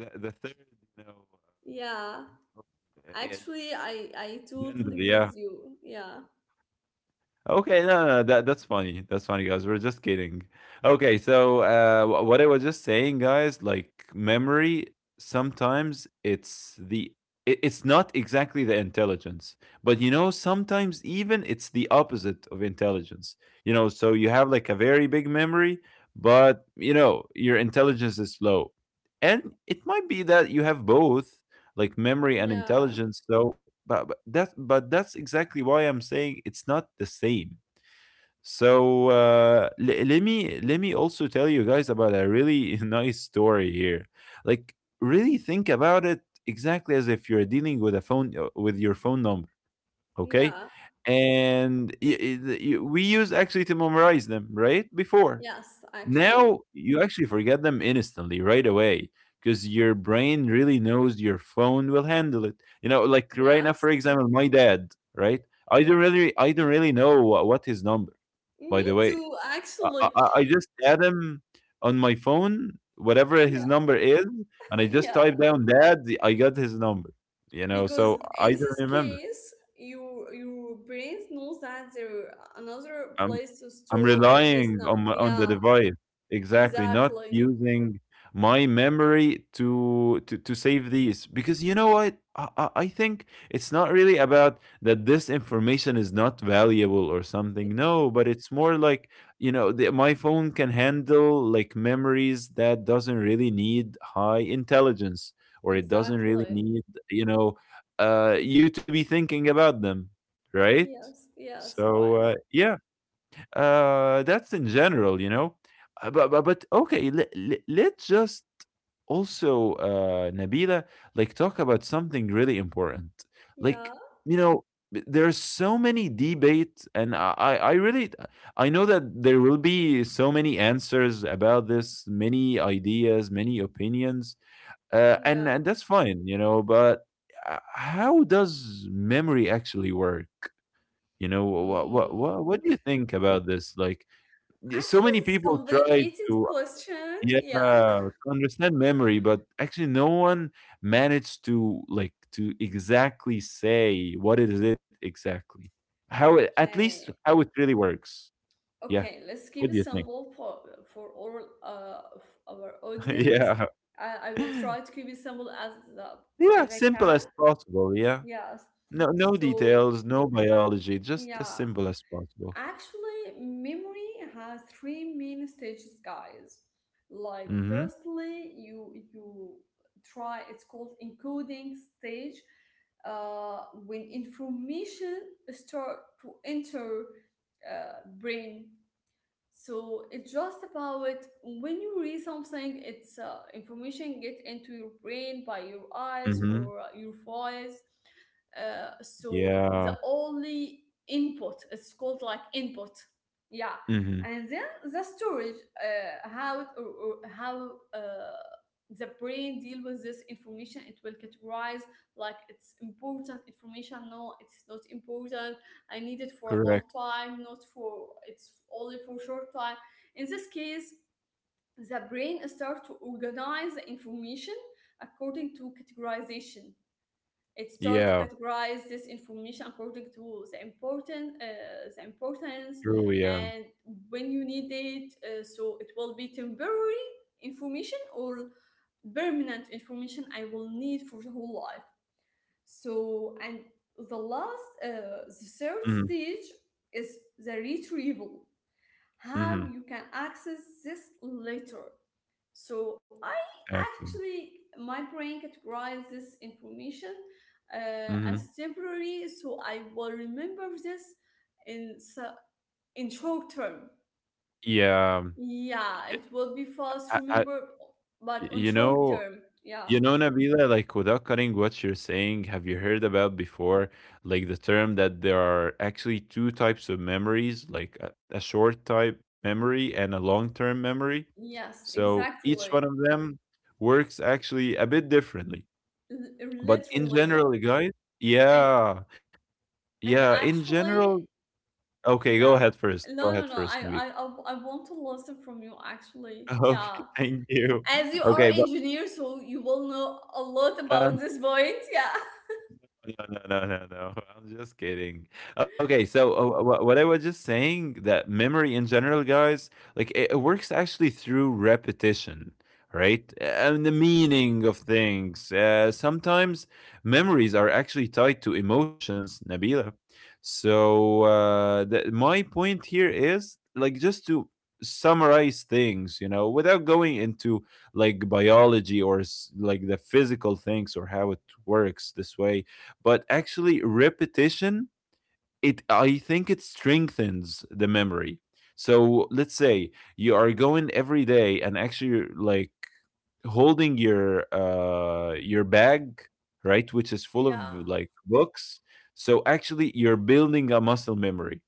Speaker 1: the third, you know,
Speaker 2: yeah.
Speaker 1: uh, uh,
Speaker 2: Actually, I
Speaker 1: gender,
Speaker 2: totally
Speaker 1: yeah.
Speaker 2: with you. Yeah,
Speaker 1: Okay, no, no, no, that's funny. That's funny, guys. We're just kidding. Okay, so what I was just saying, guys, like memory, sometimes it's not exactly the intelligence, but you know, sometimes even it's the opposite of intelligence. You know, so you have like a very big memory, but you know, your intelligence is low, and it might be that you have both. Like memory and
Speaker 2: yeah,
Speaker 1: intelligence, so but, but that's exactly why I'm saying it's not the same. So let me also tell you guys about a really (laughs) nice story here. Like really think about it exactly as if you're dealing with a phone, with your phone number, okay?
Speaker 2: yeah.
Speaker 1: And we used actually to memorize them right before.
Speaker 2: Yes, actually,
Speaker 1: Now you actually forget them instantly right away, because your brain really knows your phone will handle it. You know, like right now,
Speaker 2: yes.
Speaker 1: for example, my dad, right? I
Speaker 2: Yeah,
Speaker 1: don't really I don't really know what, his number, by
Speaker 2: me
Speaker 1: the way.
Speaker 2: too.
Speaker 1: I
Speaker 2: Actually,
Speaker 1: I I just add him on my phone, whatever his
Speaker 2: yeah,
Speaker 1: number is, and
Speaker 2: (laughs)
Speaker 1: I just
Speaker 2: yeah.
Speaker 1: type down "dad." I got his number, you know. So
Speaker 2: Because in
Speaker 1: I don't
Speaker 2: this
Speaker 1: remember.
Speaker 2: case your brain knows that there are another
Speaker 1: I'm
Speaker 2: place to
Speaker 1: I'm
Speaker 2: store this
Speaker 1: relying
Speaker 2: number.
Speaker 1: on the
Speaker 2: Yeah,
Speaker 1: device. Exactly, not
Speaker 2: exactly,
Speaker 1: using my memory to to save these, because you know what? I think it's not really about that this information is not valuable or something. No, but it's more like, my phone can handle like memories that doesn't really need high intelligence, or it doesn't really
Speaker 2: exactly.
Speaker 1: need, you know, you to be thinking about them, right?
Speaker 2: Yes, yes,
Speaker 1: So,
Speaker 2: right.
Speaker 1: uh, yeah, that's in general. But but okay, let's just also Nabila, like talk about something really important.
Speaker 2: Yeah,
Speaker 1: Like, you know, there are so many debates, and I know that there will be so many answers about this, many ideas, many opinions.
Speaker 2: yeah.
Speaker 1: And that's fine, you know, but how does memory actually work? You know, what what
Speaker 2: Mm.
Speaker 1: what, what do you think about this? Like
Speaker 2: Actually
Speaker 1: so
Speaker 2: it's
Speaker 1: many people try
Speaker 2: complicated
Speaker 1: to,
Speaker 2: question,
Speaker 1: yeah,
Speaker 2: yeah.
Speaker 1: to understand memory, but actually no one managed to, like, to exactly say what is it exactly, how it, at least
Speaker 2: Okay,
Speaker 1: how it really works. Yeah.
Speaker 2: okay, let's keep
Speaker 1: What
Speaker 2: it
Speaker 1: do you think?
Speaker 2: simple for all of our
Speaker 1: (laughs)
Speaker 2: audience.
Speaker 1: Yeah.
Speaker 2: I will
Speaker 1: (laughs)
Speaker 2: try to keep it simple uh,
Speaker 1: Yeah,
Speaker 2: as I
Speaker 1: simple
Speaker 2: can.
Speaker 1: as possible. Yeah,
Speaker 2: Yes.
Speaker 1: no, no
Speaker 2: So,
Speaker 1: details, no biology, just as
Speaker 2: yeah,
Speaker 1: simple as possible.
Speaker 2: actually, memory has three main stages, guys. Like,
Speaker 1: Mm-hmm.
Speaker 2: firstly, you try, it's called encoding stage, when information start to enter brain. So it's just about when you read something, it's information get into your brain by your eyes
Speaker 1: Mm-hmm.
Speaker 2: or your voice. So the
Speaker 1: Yeah.
Speaker 2: only input, it's called like input, yeah.
Speaker 1: Mm-hmm.
Speaker 2: And then the storage, how it, or how the brain deal with this information, it will categorize like it's important information. No, it's not important. I need it for a long
Speaker 1: Correct.
Speaker 2: time, not for it's only for short time. In this case, the brain starts to organize the information according to categorization. It starts to
Speaker 1: Yeah.
Speaker 2: categorize this information according to the important, the importance,
Speaker 1: True. Yeah.
Speaker 2: and when you need it. So it will be temporary information or permanent information I will need for the whole life. So, and the last, the third
Speaker 1: Mm-hmm.
Speaker 2: stage is the retrieval, how
Speaker 1: Mm-hmm.
Speaker 2: you can access this later. So, I
Speaker 1: Exactly.
Speaker 2: actually, my brain categorizes this information uh, as
Speaker 1: Mm-hmm.
Speaker 2: temporary, so I will remember this in, s- in short term.
Speaker 1: Yeah,
Speaker 2: Yeah,
Speaker 1: y
Speaker 2: it will be fast,
Speaker 1: I
Speaker 2: remember, but on
Speaker 1: you
Speaker 2: short
Speaker 1: know
Speaker 2: term, yeah.
Speaker 1: Nabila, like, without cutting what you're saying, have you heard about before, like, the term that there are actually 2 types of memories, like, a short type memory and a long-term memory?
Speaker 2: Yes,
Speaker 1: So, each
Speaker 2: exactly.
Speaker 1: one of them works actually a bit differently.
Speaker 2: L-
Speaker 1: But in
Speaker 2: literally.
Speaker 1: general, guys,
Speaker 2: And
Speaker 1: yeah,
Speaker 2: And
Speaker 1: yeah, in
Speaker 2: actually,
Speaker 1: general, okay, go
Speaker 2: yeah.
Speaker 1: ahead first. Go
Speaker 2: No, no,
Speaker 1: ahead
Speaker 2: no. I,
Speaker 1: first,
Speaker 2: I,
Speaker 1: Nabila.
Speaker 2: I I want to listen from you. Actually,
Speaker 1: (laughs) Okay,
Speaker 2: yeah.
Speaker 1: thank you.
Speaker 2: As you are
Speaker 1: Okay, but,
Speaker 2: engineer, so you will know a lot
Speaker 1: uh
Speaker 2: about this point. Yeah. (laughs)
Speaker 1: no, no, no, no, no. (laughs) I'm just kidding. Okay, so, what I was just saying that memory in general, guys, like it works actually through repetition, right? And the meaning of things. Sometimes memories are actually tied to emotions, Nabila. So, my point here is like just to summarize things, you know, without going into like biology or like the physical things or how it works this way, but actually repetition, it I think it strengthens the memory. So let's say you are going every day and actually like holding your bag, right, which is full of
Speaker 2: Yeah.
Speaker 1: like books. So actually you're building a muscle memory.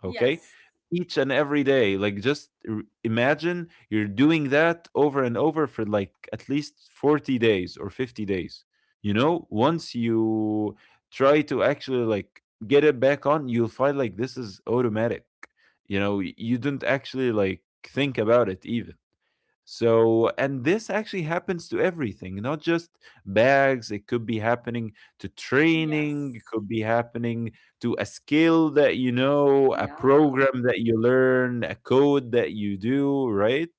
Speaker 1: Okay? Each and every day, like just imagine you're doing that over and over for like at least 40 days or 50 days. Once you try to actually like get it back on, you'll find like this is automatic. You didn't actually like think about it even. So, and this actually happens to everything, not just bags. It could be happening to training, it
Speaker 2: Yes.
Speaker 1: could be happening to a skill that you know, a
Speaker 2: Yeah.
Speaker 1: program that you learn, a code that you do, right?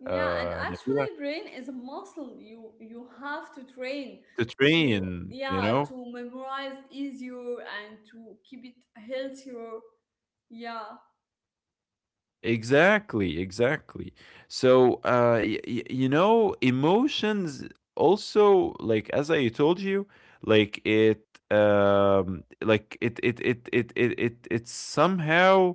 Speaker 2: Yeah. And
Speaker 1: Nabila,
Speaker 2: actually, brain is a muscle. You have to train,
Speaker 1: to
Speaker 2: to
Speaker 1: train, you
Speaker 2: yeah,
Speaker 1: know?
Speaker 2: to memorize easier and to keep it healthier. Yeah.
Speaker 1: Exactly, exactly. So, you know, emotions also, like as I told you, like it, it's somehow,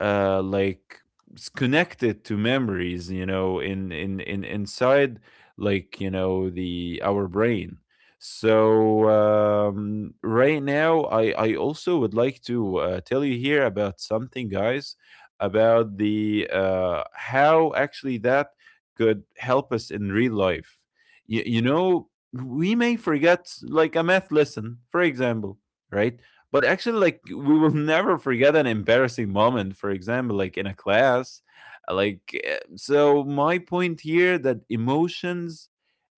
Speaker 1: like it's connected to memories. You know, in inside, the our brain. So, right now, I also would like to tell you here about something, guys, about the how actually that could help us in real life. You know, we may forget like a math lesson, for example, right? But actually, like we will (laughs) never forget an embarrassing moment, for example, like in a class. Like so, my point here that emotions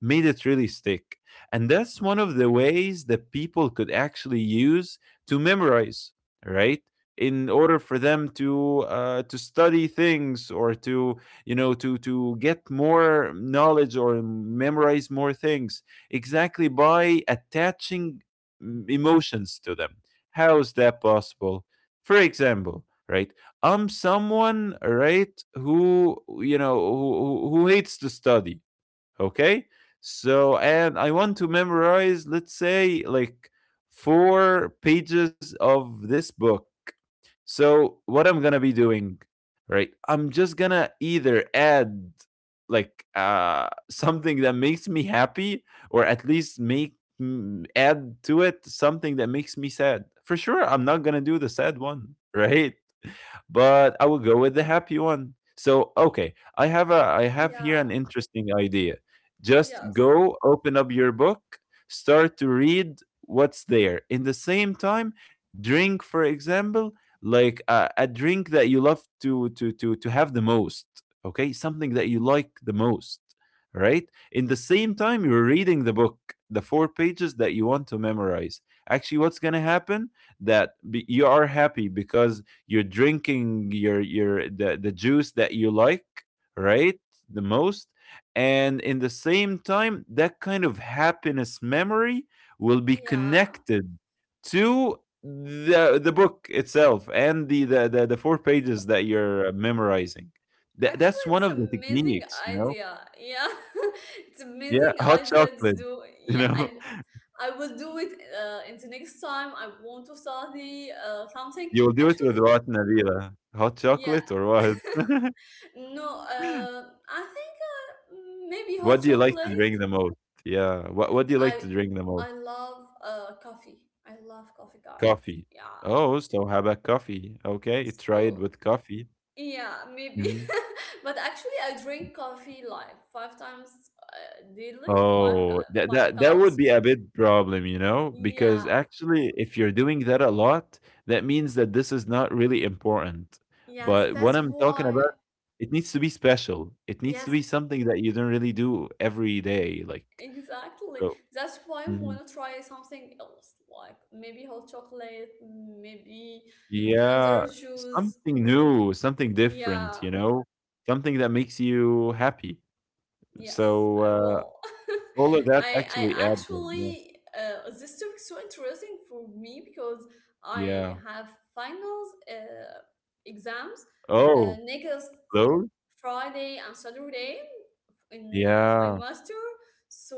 Speaker 1: made it really stick, and that's one of the ways that people could actually use to memorize, right? In order for them to study things or to get more knowledge or memorize more things exactly by attaching emotions to them. How is that possible, for example? Right, I'm someone, right, who you know, who hates to study. Okay. So, and I want to memorize, let's say, like four pages of this book. So what I'm gonna be doing, right? I'm just gonna either add like (laughs) something that makes me happy, or at least make, add to it something that makes me sad. For sure, I'm not gonna do the sad one. (laughs) Right? But I will go with the happy one. So, okay, I have here an
Speaker 2: Yeah.
Speaker 1: interesting idea. Just
Speaker 2: Yes.
Speaker 1: go open up your book, start to read what's there. In the same time, drink, for example, like a drink that you love to have the most. Okay, something that you like the most. Right. In the same time, you're reading the book, the four pages that you want to memorize. Actually, what's gonna happen? That be, you are happy because you're drinking your the juice that you like, right, the most. And in the same time, that kind of happiness memory will be
Speaker 2: Yeah.
Speaker 1: connected to the book itself and the four pages that you're memorizing. That's
Speaker 2: Actually,
Speaker 1: one
Speaker 2: it's
Speaker 1: of the
Speaker 2: amazing
Speaker 1: techniques, you know.
Speaker 2: idea. Yeah, (laughs) it's
Speaker 1: Yeah.
Speaker 2: amazing
Speaker 1: (laughs) Hot
Speaker 2: idea to
Speaker 1: chocolate,
Speaker 2: do.
Speaker 1: you
Speaker 2: Yeah,
Speaker 1: know.
Speaker 2: I will do it. In the next time I want to study
Speaker 1: (laughs)
Speaker 2: something.
Speaker 1: You will do it with
Speaker 2: Actually,
Speaker 1: rotten avila hot
Speaker 2: yeah,
Speaker 1: chocolate or what? (laughs)
Speaker 2: no. I think maybe
Speaker 1: What
Speaker 2: hot
Speaker 1: do you like to drink
Speaker 2: chocolate.
Speaker 1: the most? Yeah. What
Speaker 2: And
Speaker 1: do you like to drink the most?
Speaker 2: I love coffee. I love coffee, guys.
Speaker 1: Coffee.
Speaker 2: Yeah.
Speaker 1: Oh, so how about coffee? Okay, try it
Speaker 2: So
Speaker 1: with coffee.
Speaker 2: yeah, maybe.
Speaker 1: Mhm.
Speaker 2: (laughs) But actually, I drink coffee like five times daily,
Speaker 1: Oh, that
Speaker 2: five
Speaker 1: that that would
Speaker 2: cups.
Speaker 1: be a big problem, you know, because
Speaker 2: Yeah,
Speaker 1: actually, if you're doing that a lot, that means that this is not really important.
Speaker 2: yes,
Speaker 1: But what
Speaker 2: that's
Speaker 1: I'm talking
Speaker 2: why.
Speaker 1: about, it needs to be special. It needs to be
Speaker 2: Yes,
Speaker 1: something that you don't really do every day, like,
Speaker 2: exactly.
Speaker 1: so.
Speaker 2: That's why I want to try something else, like maybe hot chocolate, maybe
Speaker 1: Yeah,
Speaker 2: another juice.
Speaker 1: something new, something different,
Speaker 2: Yeah,
Speaker 1: you know, something that makes you happy.
Speaker 2: yes,
Speaker 1: So,
Speaker 2: I will.
Speaker 1: all of
Speaker 2: (laughs)
Speaker 1: that
Speaker 2: I
Speaker 1: actually adds up. Yeah.
Speaker 2: actually this topic so interesting for me because I
Speaker 1: Yeah.
Speaker 2: have finals exams
Speaker 1: Oh,
Speaker 2: next
Speaker 1: those?
Speaker 2: Friday and Saturday, in my
Speaker 1: Yeah.
Speaker 2: master. So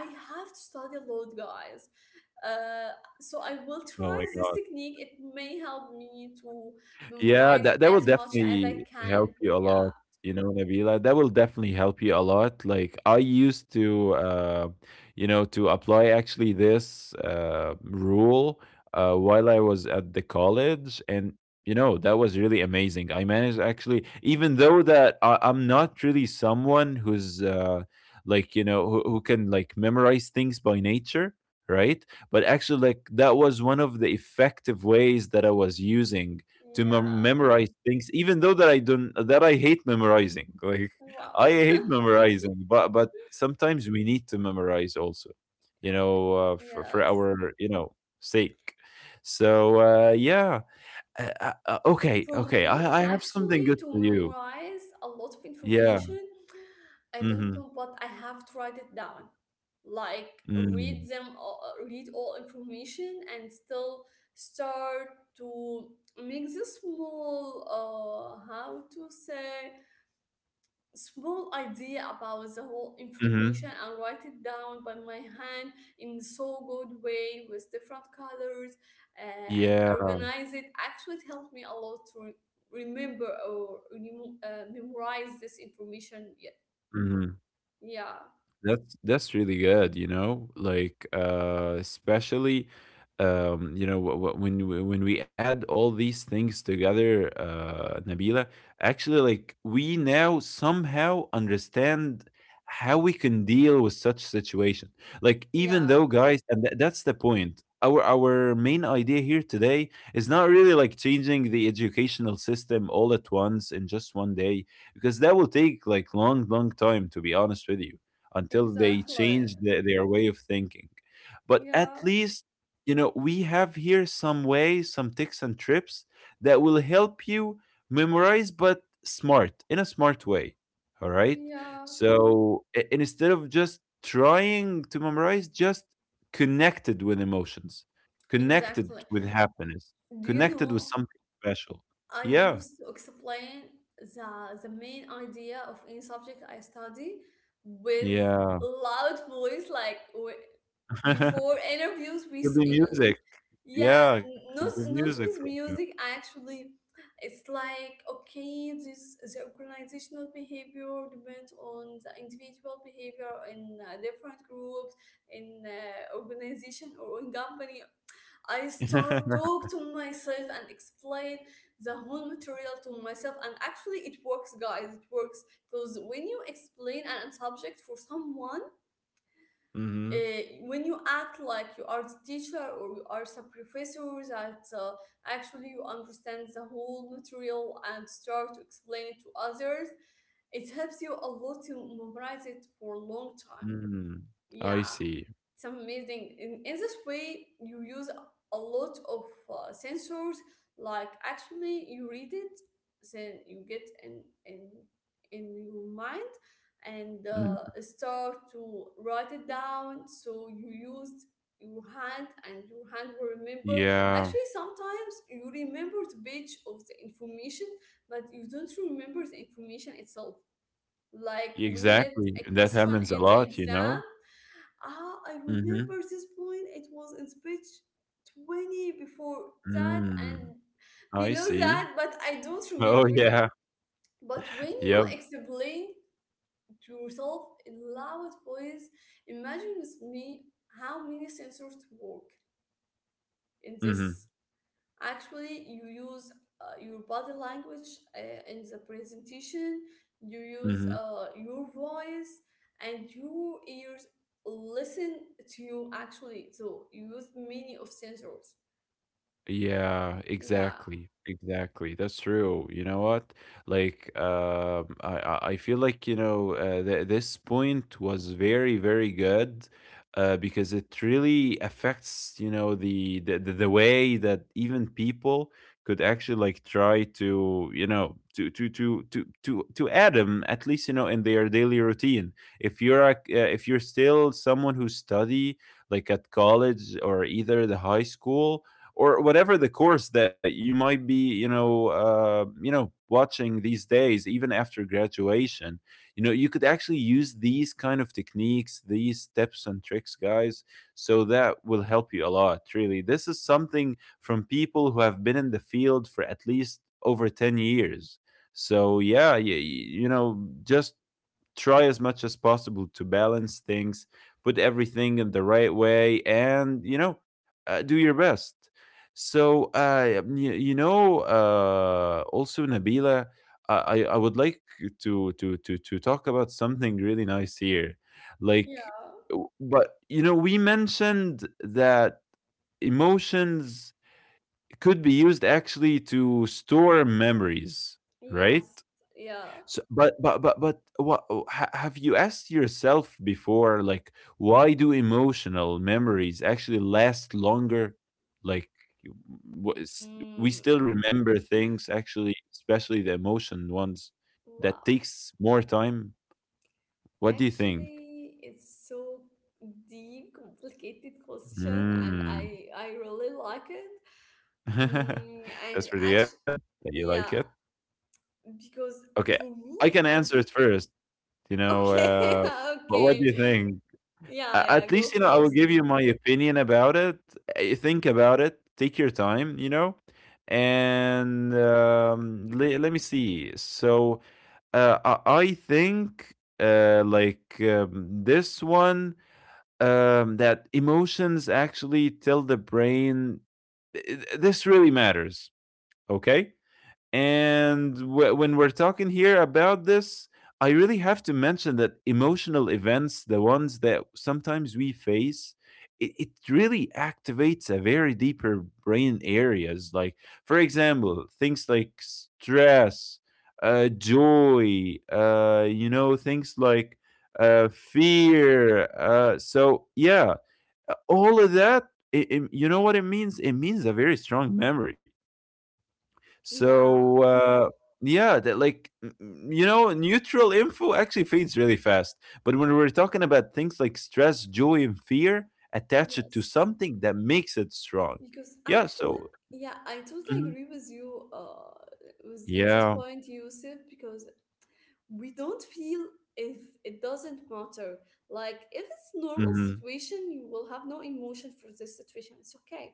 Speaker 2: I have to study a lot, guys. uh, so I will
Speaker 1: Oh
Speaker 2: try
Speaker 1: my
Speaker 2: this
Speaker 1: God.
Speaker 2: technique, it may help me to
Speaker 1: Yeah,
Speaker 2: memorize
Speaker 1: that will
Speaker 2: as much as I
Speaker 1: definitely
Speaker 2: can.
Speaker 1: help you a
Speaker 2: Yeah,
Speaker 1: lot, you know, Nabila. That will definitely help you a lot. Like I used to, to apply actually this rule while I was at the college, and that was really amazing. I managed actually, even though that I'm not really someone who's like you know who can like memorize things by nature, right? But actually like that was one of the effective ways that I was using to
Speaker 2: yeah,
Speaker 1: memorize things, even though that I don't, that I hate memorizing. (laughs) Like,
Speaker 2: wow,
Speaker 1: I hate memorizing, but sometimes we need to memorize also, you know,
Speaker 2: (laughs)
Speaker 1: for
Speaker 2: yes.
Speaker 1: our sake. So, yeah. Okay,
Speaker 2: For
Speaker 1: okay, i
Speaker 2: me,
Speaker 1: i have something
Speaker 2: actually,
Speaker 1: good
Speaker 2: to
Speaker 1: for you.
Speaker 2: memorize a lot of
Speaker 1: Yeah.
Speaker 2: information, I don't
Speaker 1: Mm-hmm.
Speaker 2: know, but I have to write it down. Like
Speaker 1: Mm-hmm.
Speaker 2: read them, read all information, and still start to make the small, how to say, small idea about the whole information
Speaker 1: Mm-hmm.
Speaker 2: and write it down by my hand in so good way with different colors, and
Speaker 1: Yeah.
Speaker 2: organize it, actually it helped me a lot to remember or memorize this information, yeah,
Speaker 1: Mhm.
Speaker 2: yeah,
Speaker 1: That's really good, you know, like especially you know when we add all these things together, Nabila, actually, like we now somehow understand how we can deal with such situation. Like
Speaker 2: yeah,
Speaker 1: even though, guys, and that's the point. Our main idea here today is not really like changing the educational system all at once in just one day, because that will take like long, long time. To be honest with you, until they
Speaker 2: exactly,
Speaker 1: change their way of thinking. But at
Speaker 2: yeah,
Speaker 1: least, you know, we have here some ways, some tips and trips that will help you memorize, but smart, in a smart way. All right.
Speaker 2: yeah,
Speaker 1: So, instead of just trying to memorize, just connected with emotions,
Speaker 2: exactly.
Speaker 1: connected with happiness,
Speaker 2: Do you
Speaker 1: connected with
Speaker 2: know,
Speaker 1: something special.
Speaker 2: I
Speaker 1: Yeah.
Speaker 2: used to explain the main idea of any subject I study with
Speaker 1: Yeah.
Speaker 2: loud voice, like before
Speaker 1: (laughs)
Speaker 2: interviews,
Speaker 1: Could be music.
Speaker 2: yeah,
Speaker 1: Yeah. Could be
Speaker 2: not not
Speaker 1: music, for
Speaker 2: with music actually. It's like okay, this the organizational behavior depends on the individual behavior in different groups, in organization or in company. I
Speaker 1: example.
Speaker 2: start
Speaker 1: (laughs)
Speaker 2: talk to myself and explain the whole material to myself, and actually it works, guys, it works. Because when you explain an subject for someone,
Speaker 1: Mhm.
Speaker 2: when you act like you are the teacher or you are the professor, that actually you understand the whole material and start to explain it to others, it helps you a lot to memorize it for a long time,
Speaker 1: Mm. I
Speaker 2: yeah.
Speaker 1: see.
Speaker 2: It's amazing. In this way you use a lot of sensors. Like actually you read it, then you get in your mind, and
Speaker 1: Mm.
Speaker 2: start to write it down, so you used your hand, and your hand will remember.
Speaker 1: Yeah,
Speaker 2: Actually sometimes you remember the page of the information, but you don't remember the information itself. Like when you get
Speaker 1: exactly.
Speaker 2: a
Speaker 1: That
Speaker 2: question
Speaker 1: happens a
Speaker 2: in the
Speaker 1: lot, you
Speaker 2: exam,
Speaker 1: know?
Speaker 2: ah, I
Speaker 1: Mhm.
Speaker 2: remember this point. It was in speech 20 before that
Speaker 1: Mm.
Speaker 2: and
Speaker 1: I
Speaker 2: below
Speaker 1: see.
Speaker 2: that, but I don't
Speaker 1: Oh,
Speaker 2: remember that.
Speaker 1: yeah.
Speaker 2: But when
Speaker 1: (laughs)
Speaker 2: you
Speaker 1: Yep.
Speaker 2: explain to yourself in loud voice, imagine with me how many sensors work in
Speaker 1: Mhm.
Speaker 2: this. Actually you use your body language in the presentation, you use
Speaker 1: Mhm.
Speaker 2: your voice and your ears listen to you. Actually so you use many of sensors,
Speaker 1: Yeah,
Speaker 2: yeah,
Speaker 1: exactly. Exactly. That's true. You know what? Like, I feel like, you know, th this point was very, very good, because it really affects, you know, the way that even people could actually like try to, you know, to add them at least, you know, in their daily routine. If you're still someone who study like at college, or either the high school, or whatever the course that you might be, watching these days, even after graduation. You know, you could actually use these kind of techniques, these tips and tricks, guys. So that will help you a lot, really. This is something from people who have been in the field for at least over 10 years. So, yeah, just try as much as possible to balance things, put everything in the right way, and do your best. So, also Nabila, I would like to talk about something really nice here, like,
Speaker 2: yeah,
Speaker 1: but you know, we mentioned that emotions could be used actually to store memories, right?
Speaker 2: yes, yeah.
Speaker 1: So, but have you asked yourself before? Like, why do emotional memories actually last longer? Like, you- we
Speaker 2: Mm,
Speaker 1: still remember things, actually, especially the emotion ones that
Speaker 2: wow,
Speaker 1: takes more time. What do you think?
Speaker 2: actually it's so deep complicated question, and
Speaker 1: Mm.
Speaker 2: i really like it. Mm,
Speaker 1: (laughs)
Speaker 2: and
Speaker 1: That's pretty
Speaker 2: actually
Speaker 1: good. You like
Speaker 2: yeah,
Speaker 1: it?
Speaker 2: because
Speaker 1: Okay,
Speaker 2: for me,
Speaker 1: I can
Speaker 2: I
Speaker 1: answer
Speaker 2: think
Speaker 1: it first. You know,
Speaker 2: okay, (laughs)
Speaker 1: but what
Speaker 2: okay.
Speaker 1: do you think?
Speaker 2: Yeah,
Speaker 1: A
Speaker 2: yeah,
Speaker 1: At
Speaker 2: go
Speaker 1: least, you know, I will
Speaker 2: first.
Speaker 1: give you my opinion about it. Think about it. Take your time, you know? And, le let me see. So, I think, like, this one, that emotions actually tell the brain th th this really matters, okay? And when we're talking here about this, I really have to mention that emotional events, the ones that sometimes we face, it really activates a very deeper brain areas. Like, for example, things like stress, joy, things like fear. So, yeah, all of that, you know what it means? It means a very strong memory.
Speaker 2: Yeah,
Speaker 1: So, yeah, that like you know, neutral info actually fades really fast. But when we're talking about things like stress, joy, and fear, attach it to
Speaker 2: yes.
Speaker 1: something that makes it strong.
Speaker 2: Because
Speaker 1: Yeah.
Speaker 2: actually,
Speaker 1: So.
Speaker 2: yeah, I totally
Speaker 1: Mhm.
Speaker 2: agree with you with in this
Speaker 1: Yeah.
Speaker 2: point, Yusuf, because we don't feel if it doesn't matter. Like if it's normal
Speaker 1: Hmm.
Speaker 2: situation, you will have no emotion for this situation. It's okay.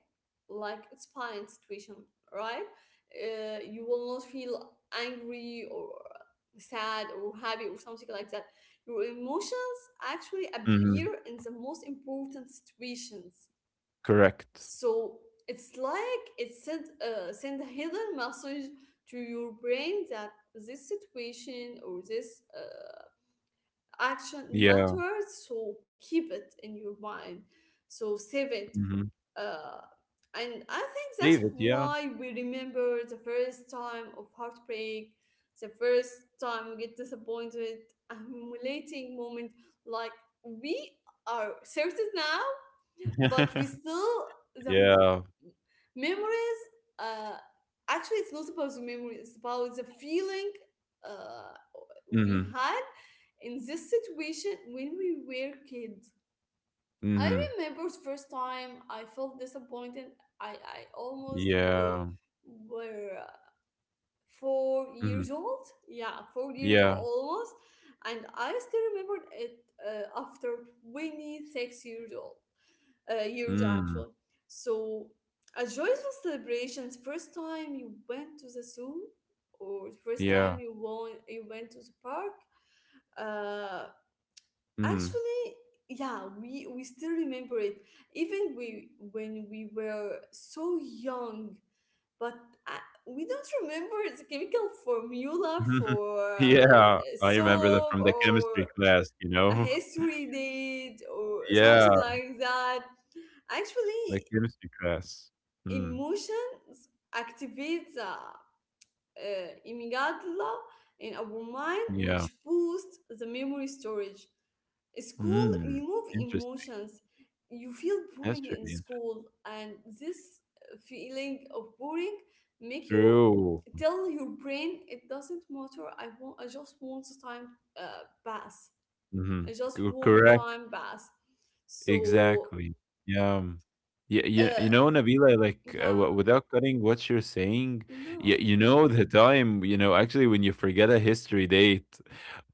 Speaker 2: Like it's fine situation, right? You will not feel angry or sad or happy or something like that. Your emotions actually appear
Speaker 1: Hmm.
Speaker 2: in the most important situations.
Speaker 1: Correct.
Speaker 2: So it's like it sent send a hidden message to your brain that this situation or this action
Speaker 1: Yeah.
Speaker 2: matters, so keep it in your mind, so save it,
Speaker 1: Hmm.
Speaker 2: uh, and I think that's
Speaker 1: David. Yeah.
Speaker 2: why we remember the first time of heartbreak, the first time we get disappointed, a humiliating moment. Like we are certain now, but we
Speaker 1: (laughs)
Speaker 2: still the hum-
Speaker 1: Yeah.
Speaker 2: memories, uh, actually it's not about the memory, it's about the feeling uh, we
Speaker 1: Hmm.
Speaker 2: had in this situation when we were kids. I
Speaker 1: Hmm.
Speaker 2: remember the first time I felt disappointed. I
Speaker 1: Yeah.
Speaker 2: were four
Speaker 1: Hmm.
Speaker 2: years old. Yeah, 4 years old
Speaker 1: Yeah.
Speaker 2: almost. And I still remembered it after 26 years old, years
Speaker 1: Mm.
Speaker 2: actually. So, a joyful celebrations. First time you went to the zoo, or the first time
Speaker 1: Yeah.
Speaker 2: you won, you went to the park, uh,
Speaker 1: Mm.
Speaker 2: actually, yeah, we still remember it. Even we when we were so young. But I, we don't remember the chemical
Speaker 1: (laughs)
Speaker 2: formula
Speaker 1: Mhm.
Speaker 2: for
Speaker 1: Yeah, I remember that
Speaker 2: soap,
Speaker 1: from the
Speaker 2: or
Speaker 1: chemistry class, you
Speaker 2: a
Speaker 1: know? (laughs)
Speaker 2: history date or
Speaker 1: Yeah,
Speaker 2: something like that.
Speaker 1: the
Speaker 2: Actually,
Speaker 1: chemistry class. Mm,
Speaker 2: emotions activate the amygdala in our mind,
Speaker 1: yeah.
Speaker 2: which boosts the memory storage. School
Speaker 1: Mm,
Speaker 2: remove
Speaker 1: interesting.
Speaker 2: emotions. You feel
Speaker 1: That's
Speaker 2: boring in
Speaker 1: really interesting.
Speaker 2: school, and this feeling of boring make you
Speaker 1: True.
Speaker 2: tell your brain it doesn't matter. I want. I just want the time pass.
Speaker 1: Mhm.
Speaker 2: I just want a
Speaker 1: Correct.
Speaker 2: time pass. So
Speaker 1: Exactly. Yeah. Yeah, you
Speaker 2: uh,
Speaker 1: know, Nabila, like
Speaker 2: yeah,
Speaker 1: without cutting what you're saying, you,
Speaker 2: no,
Speaker 1: you know, actually when you forget a history date,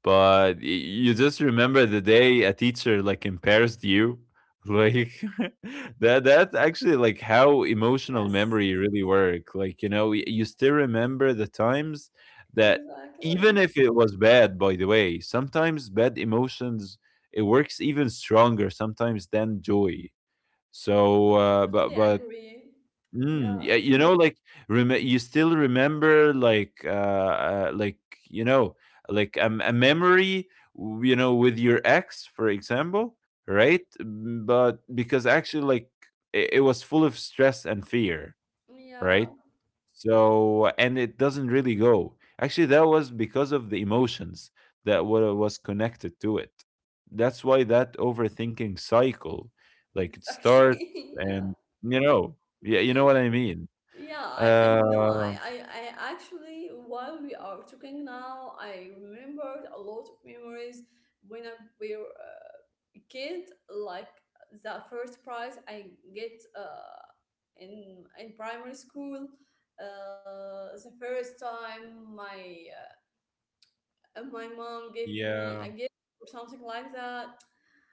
Speaker 1: but you just remember the day a teacher like embarrassed you. (laughs) Like (laughs) that's actually like how emotional
Speaker 2: yes,
Speaker 1: memory really work. Like, you know, you still remember the times that,
Speaker 2: exactly.
Speaker 1: even if it was bad. By the way, sometimes bad emotions, it works even stronger sometimes than joy. So, uh, but
Speaker 2: Totally
Speaker 1: but
Speaker 2: agree.
Speaker 1: mm,
Speaker 2: Yeah,
Speaker 1: yeah, you know, like, you still remember like you know like a memory, you know, with your ex, for example, right? Mm. But because actually, like it was full of stress and fear,
Speaker 2: yeah,
Speaker 1: right? So, and it doesn't really go. Actually, that was because of the emotions that was connected to it. That's why that overthinking cycle,
Speaker 2: (laughs)
Speaker 1: like it starts
Speaker 2: exactly. Yeah.
Speaker 1: and, you know, yeah, you know what I mean?
Speaker 2: Yeah, I know. I,
Speaker 1: Uh,
Speaker 2: I, I actually, while we are talking now, I remembered a lot of memories when I were a kid, like the first prize I get in primary school. The first time my my mom get me a
Speaker 1: yeah,
Speaker 2: gift or something like that.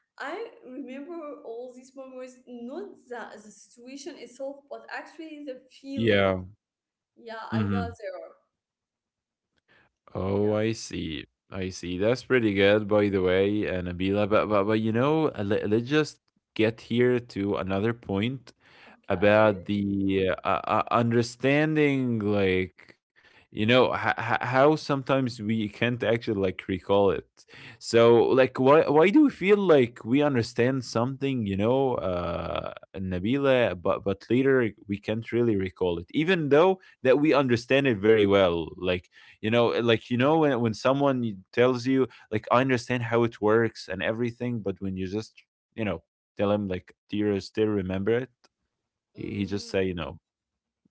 Speaker 2: I remember all these memories, not the situation itself, but actually the feeling.
Speaker 1: yeah.
Speaker 2: Yeah, I got
Speaker 1: Mm-hmm.
Speaker 2: there. Yeah,
Speaker 1: Oh, I see. I see. That's pretty good, by the way, and Abila. But you know, let's just get here to another point
Speaker 2: okay.
Speaker 1: about the understanding, like you know, how sometimes we can't actually like recall it. So like, why do we feel like we understand something, you know, Nabila, but later we can't really recall it even though that we understand it very well. Like you know, like you know, when someone tells you like, I understand how it works and everything, but when you just, you know, tell him like, do you still remember it, he just
Speaker 2: Mm,
Speaker 1: say no.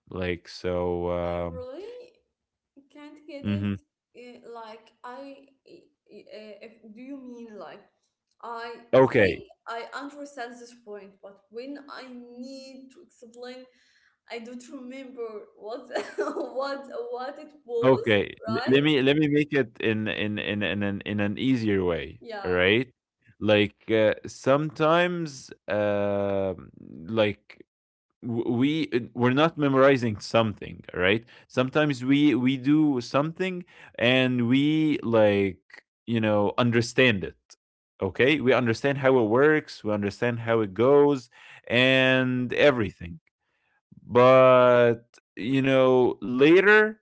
Speaker 1: Like, so,
Speaker 2: I really can't get
Speaker 1: mhm.
Speaker 2: it. Like I, if, do you mean like I think
Speaker 1: Okay,
Speaker 2: I understand this point, but when I need to explain, I don't remember what (laughs) what what it was,
Speaker 1: okay. Le Let
Speaker 2: right?
Speaker 1: me let me make it in an easier way,
Speaker 2: Yeah.
Speaker 1: alright? Like, sometimes, like, w we we're not memorizing something, alright? Sometimes we do something and we, like, you know, understand it, okay? We understand how it works, we understand how it goes, and everything. But, you know, later,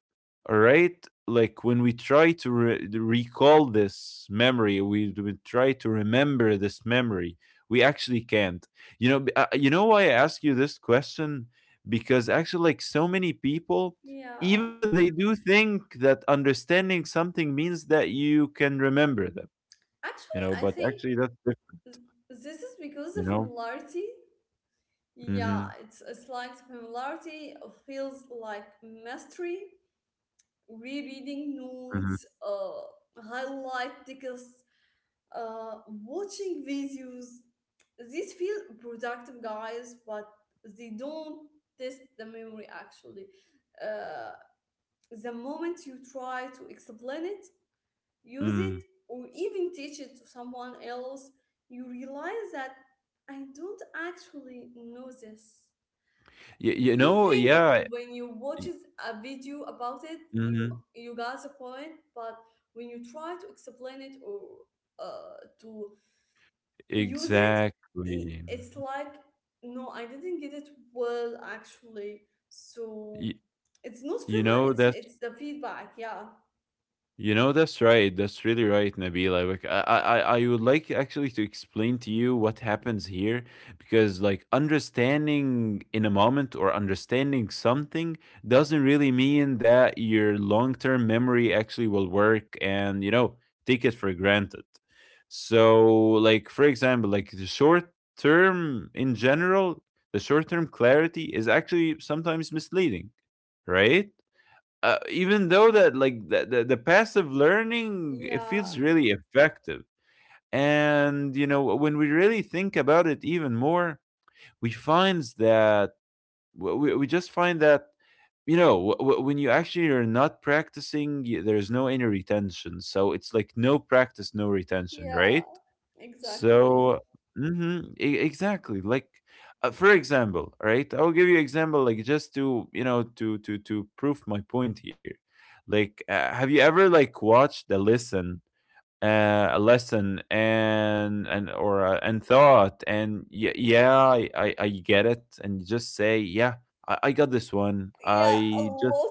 Speaker 1: all right, like when we try to recall this memory, we try to remember this memory, we actually can't. You know, you know why I ask you this question? Because actually, like, so many people,
Speaker 2: Yeah.
Speaker 1: even they do think that understanding something means that you can remember them, you
Speaker 2: Actually,
Speaker 1: know,
Speaker 2: I
Speaker 1: but
Speaker 2: think
Speaker 1: actually that's different,
Speaker 2: th- this is because the
Speaker 1: you know?
Speaker 2: familiarity. Yeah,
Speaker 1: Mm-hmm.
Speaker 2: it's like familiarity feels like mastery. Rereading
Speaker 1: Mm-hmm.
Speaker 2: notes, highlight tickets, watching videos. These feel productive, guys, but they don't test the memory actually. Uh, the moment you try to explain it, use
Speaker 1: Mm.
Speaker 2: it, or even teach it to someone else, you realize that I don't actually know this.
Speaker 1: You
Speaker 2: You
Speaker 1: know,
Speaker 2: think
Speaker 1: yeah.
Speaker 2: when you watches a video about it, you got the point. But when you try to explain it, or to use it, I
Speaker 1: Exactly.
Speaker 2: it's like, no, I didn't get it well actually. So
Speaker 1: Y
Speaker 2: it's not
Speaker 1: You
Speaker 2: filler,
Speaker 1: know, that's
Speaker 2: it's the feedback. Yeah,
Speaker 1: that's right. That's really right, Nabila. Like I would like actually to explain to you what happens here, because like understanding in a moment or understanding something doesn't really mean that your long-term memory actually will work and, you know, take it for granted. So, like for example, like the short term in general, the short term clarity is actually sometimes misleading, right? Even though that like the passive learning, it
Speaker 2: yeah,
Speaker 1: feels really effective, and you know, when we really think about it even more, we finds that we just find that, you know, when you actually are not practicing, there's no any retention. So it's like no practice no retention,
Speaker 2: yeah,
Speaker 1: right?
Speaker 2: exactly.
Speaker 1: So mhm, exactly. Like, for example, right? I'll give you example like just to, you know, to prove my point here. Like have you ever like watched a lesson, and thought, and yeah, yeah I get it, and you just say yeah, I got this one
Speaker 2: Yeah, a
Speaker 1: I just,
Speaker 2: lot,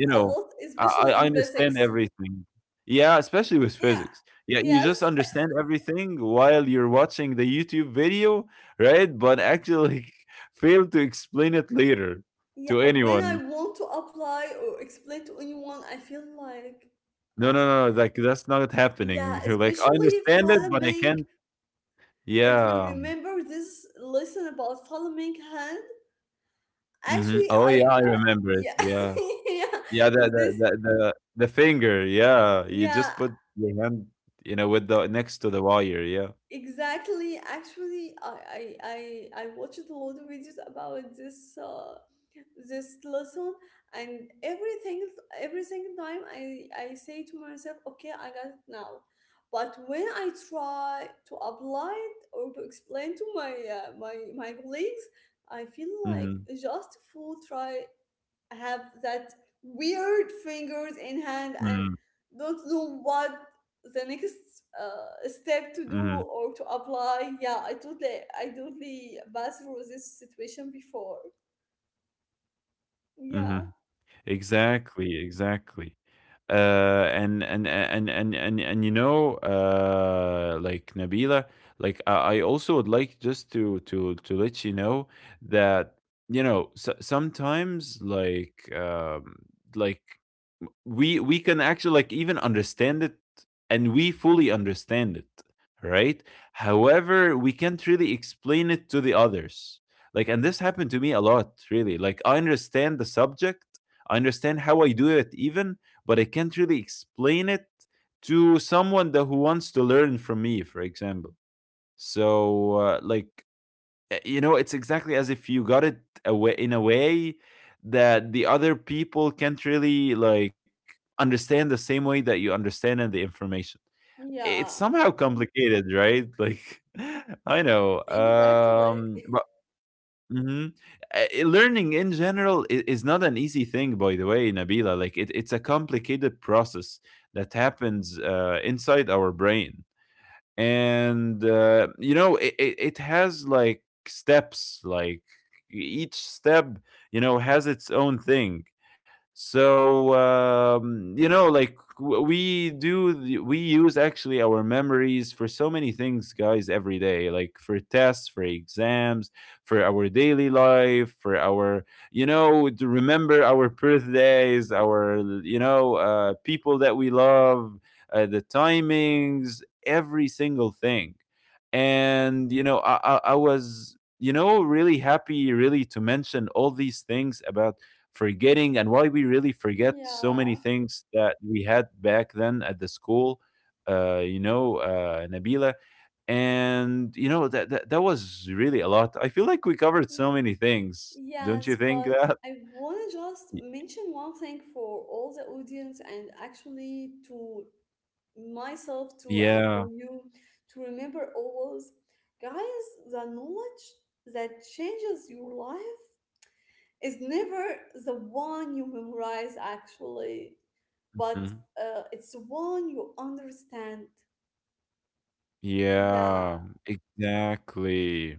Speaker 2: a lot,
Speaker 1: know,
Speaker 2: especially in
Speaker 1: I understand
Speaker 2: physics.
Speaker 1: everything. Yeah, especially with
Speaker 2: Yeah,
Speaker 1: physics. Yeah,
Speaker 2: yeah.
Speaker 1: you just understand everything while you're watching the YouTube video, right? But actually (laughs) fail to explain it later
Speaker 2: Yeah,
Speaker 1: to
Speaker 2: when I
Speaker 1: anyone.
Speaker 2: want to apply or explain to anyone, I feel like, uh,
Speaker 1: No, no, no, no, like that's not
Speaker 2: yeah,
Speaker 1: happening. (laughs)
Speaker 2: especially
Speaker 1: Like I understand it, but I
Speaker 2: Falamink.
Speaker 1: can't.
Speaker 2: If you
Speaker 1: Yeah.
Speaker 2: remember this lesson about Falamink hand,
Speaker 1: Mhm.
Speaker 2: actually,
Speaker 1: Oh yeah,
Speaker 2: I,
Speaker 1: I remember it.
Speaker 2: yeah, (laughs)
Speaker 1: Yeah.
Speaker 2: yeah,
Speaker 1: Yeah, the the
Speaker 2: this,
Speaker 1: the the, the finger. Yeah, you
Speaker 2: yeah,
Speaker 1: just put your hand, you know, with the next to the wire. Yeah.
Speaker 2: exactly. Actually, I watched a lot of videos about this. This lesson and everything, every single time I say to myself, okay, I got it now. But when I try to apply it, or to explain to my my colleagues, I feel like
Speaker 1: Mhm.
Speaker 2: just fool try, have that weird fingers in hand,
Speaker 1: Mm,
Speaker 2: and don't know what the next
Speaker 1: mhm.
Speaker 2: step to do or to apply. Yeah, I totally passed through this situation before.
Speaker 1: Mhm.
Speaker 2: Yeah.
Speaker 1: Exactly, exactly, and you know, like Nabila, like I also would like just to let you know that, you know, sometimes like we can actually like even understand it and we fully understand it, right, however we can't really explain it to the others. Like, and this happened to me a lot really. Like I understand the subject, I understand how I do it even, but I can't really explain it to someone that who wants to learn from me, for example. So you know, it's exactly as if you got it away in a way that the other people can't really like understand the same way that you understand and the information.
Speaker 2: Yeah,
Speaker 1: It's somehow complicated, right? Like (laughs) I know.
Speaker 2: exactly.
Speaker 1: But mhm. Learning in general, I is not an easy thing, by the way, Nabila. Like it's a complicated process that happens inside our brain, and you know, it has like steps. Like each step, you know, has its own thing. So you know, like we use actually our memories for so many things, guys, every day, like for tests, for exams, for our daily life, for our, you know, to remember our birthdays, our, you know, people that we love, the timings, every single thing. And you know, I was, you know, really happy, really to mention all these things about forgetting and why we really forget so
Speaker 2: Yeah,
Speaker 1: many things that we had back then at the school. You know, Nabila, and you know that, that that was really a lot. I feel like we covered
Speaker 2: yeah.
Speaker 1: so many things. Don't you
Speaker 2: Yes,
Speaker 1: think
Speaker 2: but
Speaker 1: that?
Speaker 2: I want to just
Speaker 1: Y-
Speaker 2: mention one thing for all the audience, and actually to myself too, and for
Speaker 1: yeah,
Speaker 2: you to remember always, guys, the knowledge that changes your life is never the one you memorize actually, but
Speaker 1: mhm,
Speaker 2: it's the one you understand.
Speaker 1: yeah
Speaker 2: Yeah.
Speaker 1: exactly,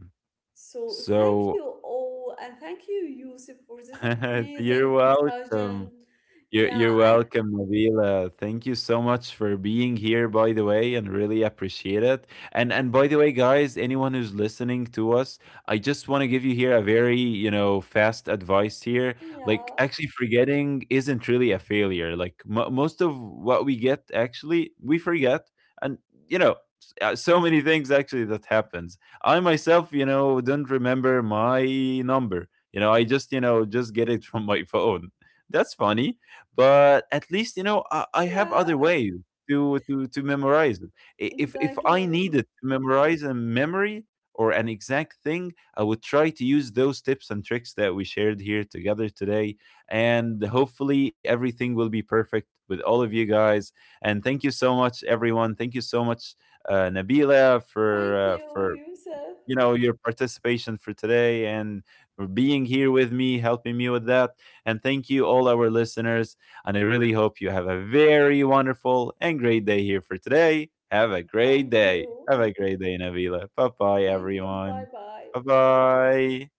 Speaker 2: So thank
Speaker 1: so
Speaker 2: you all, and thank you, Yusuf, for this
Speaker 1: (laughs) You're
Speaker 2: amazing
Speaker 1: welcome.
Speaker 2: discussion. Yeah,
Speaker 1: You're
Speaker 2: I
Speaker 1: welcome, Nabila. Thank you so much for being here, by the way, and really appreciate it. And by the way, guys, anyone who's listening to us, I just want to give you here a very, you know, fast advice here. Like
Speaker 2: yeah,
Speaker 1: actually, forgetting isn't really a failure. Like mo most of what we get, actually, we forget, and you know, so many things actually that happens. I myself, you know, don't remember my number. You know, I just, you know, just get it (laughs) from my phone. That's funny, but at least, you know, I have
Speaker 2: yeah,
Speaker 1: other ways to memorize it.
Speaker 2: (laughs)
Speaker 1: If I
Speaker 2: exactly.
Speaker 1: needed to memorize a memory or an exact thing, I would try to use those tips and tricks that we shared here together today. And hopefully everything will be perfect with all of you guys. And thank you so much, everyone. Thank you so much, Nabila, for
Speaker 2: Thank
Speaker 1: for,
Speaker 2: you, Yusuf.
Speaker 1: you know, your participation for today and for being here with me helping me with that, and thank you all our listeners, and I really hope you have a very wonderful and great day here for today. Have a great
Speaker 2: Thank
Speaker 1: day.
Speaker 2: you.
Speaker 1: Have a great day, Navila. Bye bye,
Speaker 2: Thank you. Bye
Speaker 1: everyone.
Speaker 2: bye.
Speaker 1: Bye bye.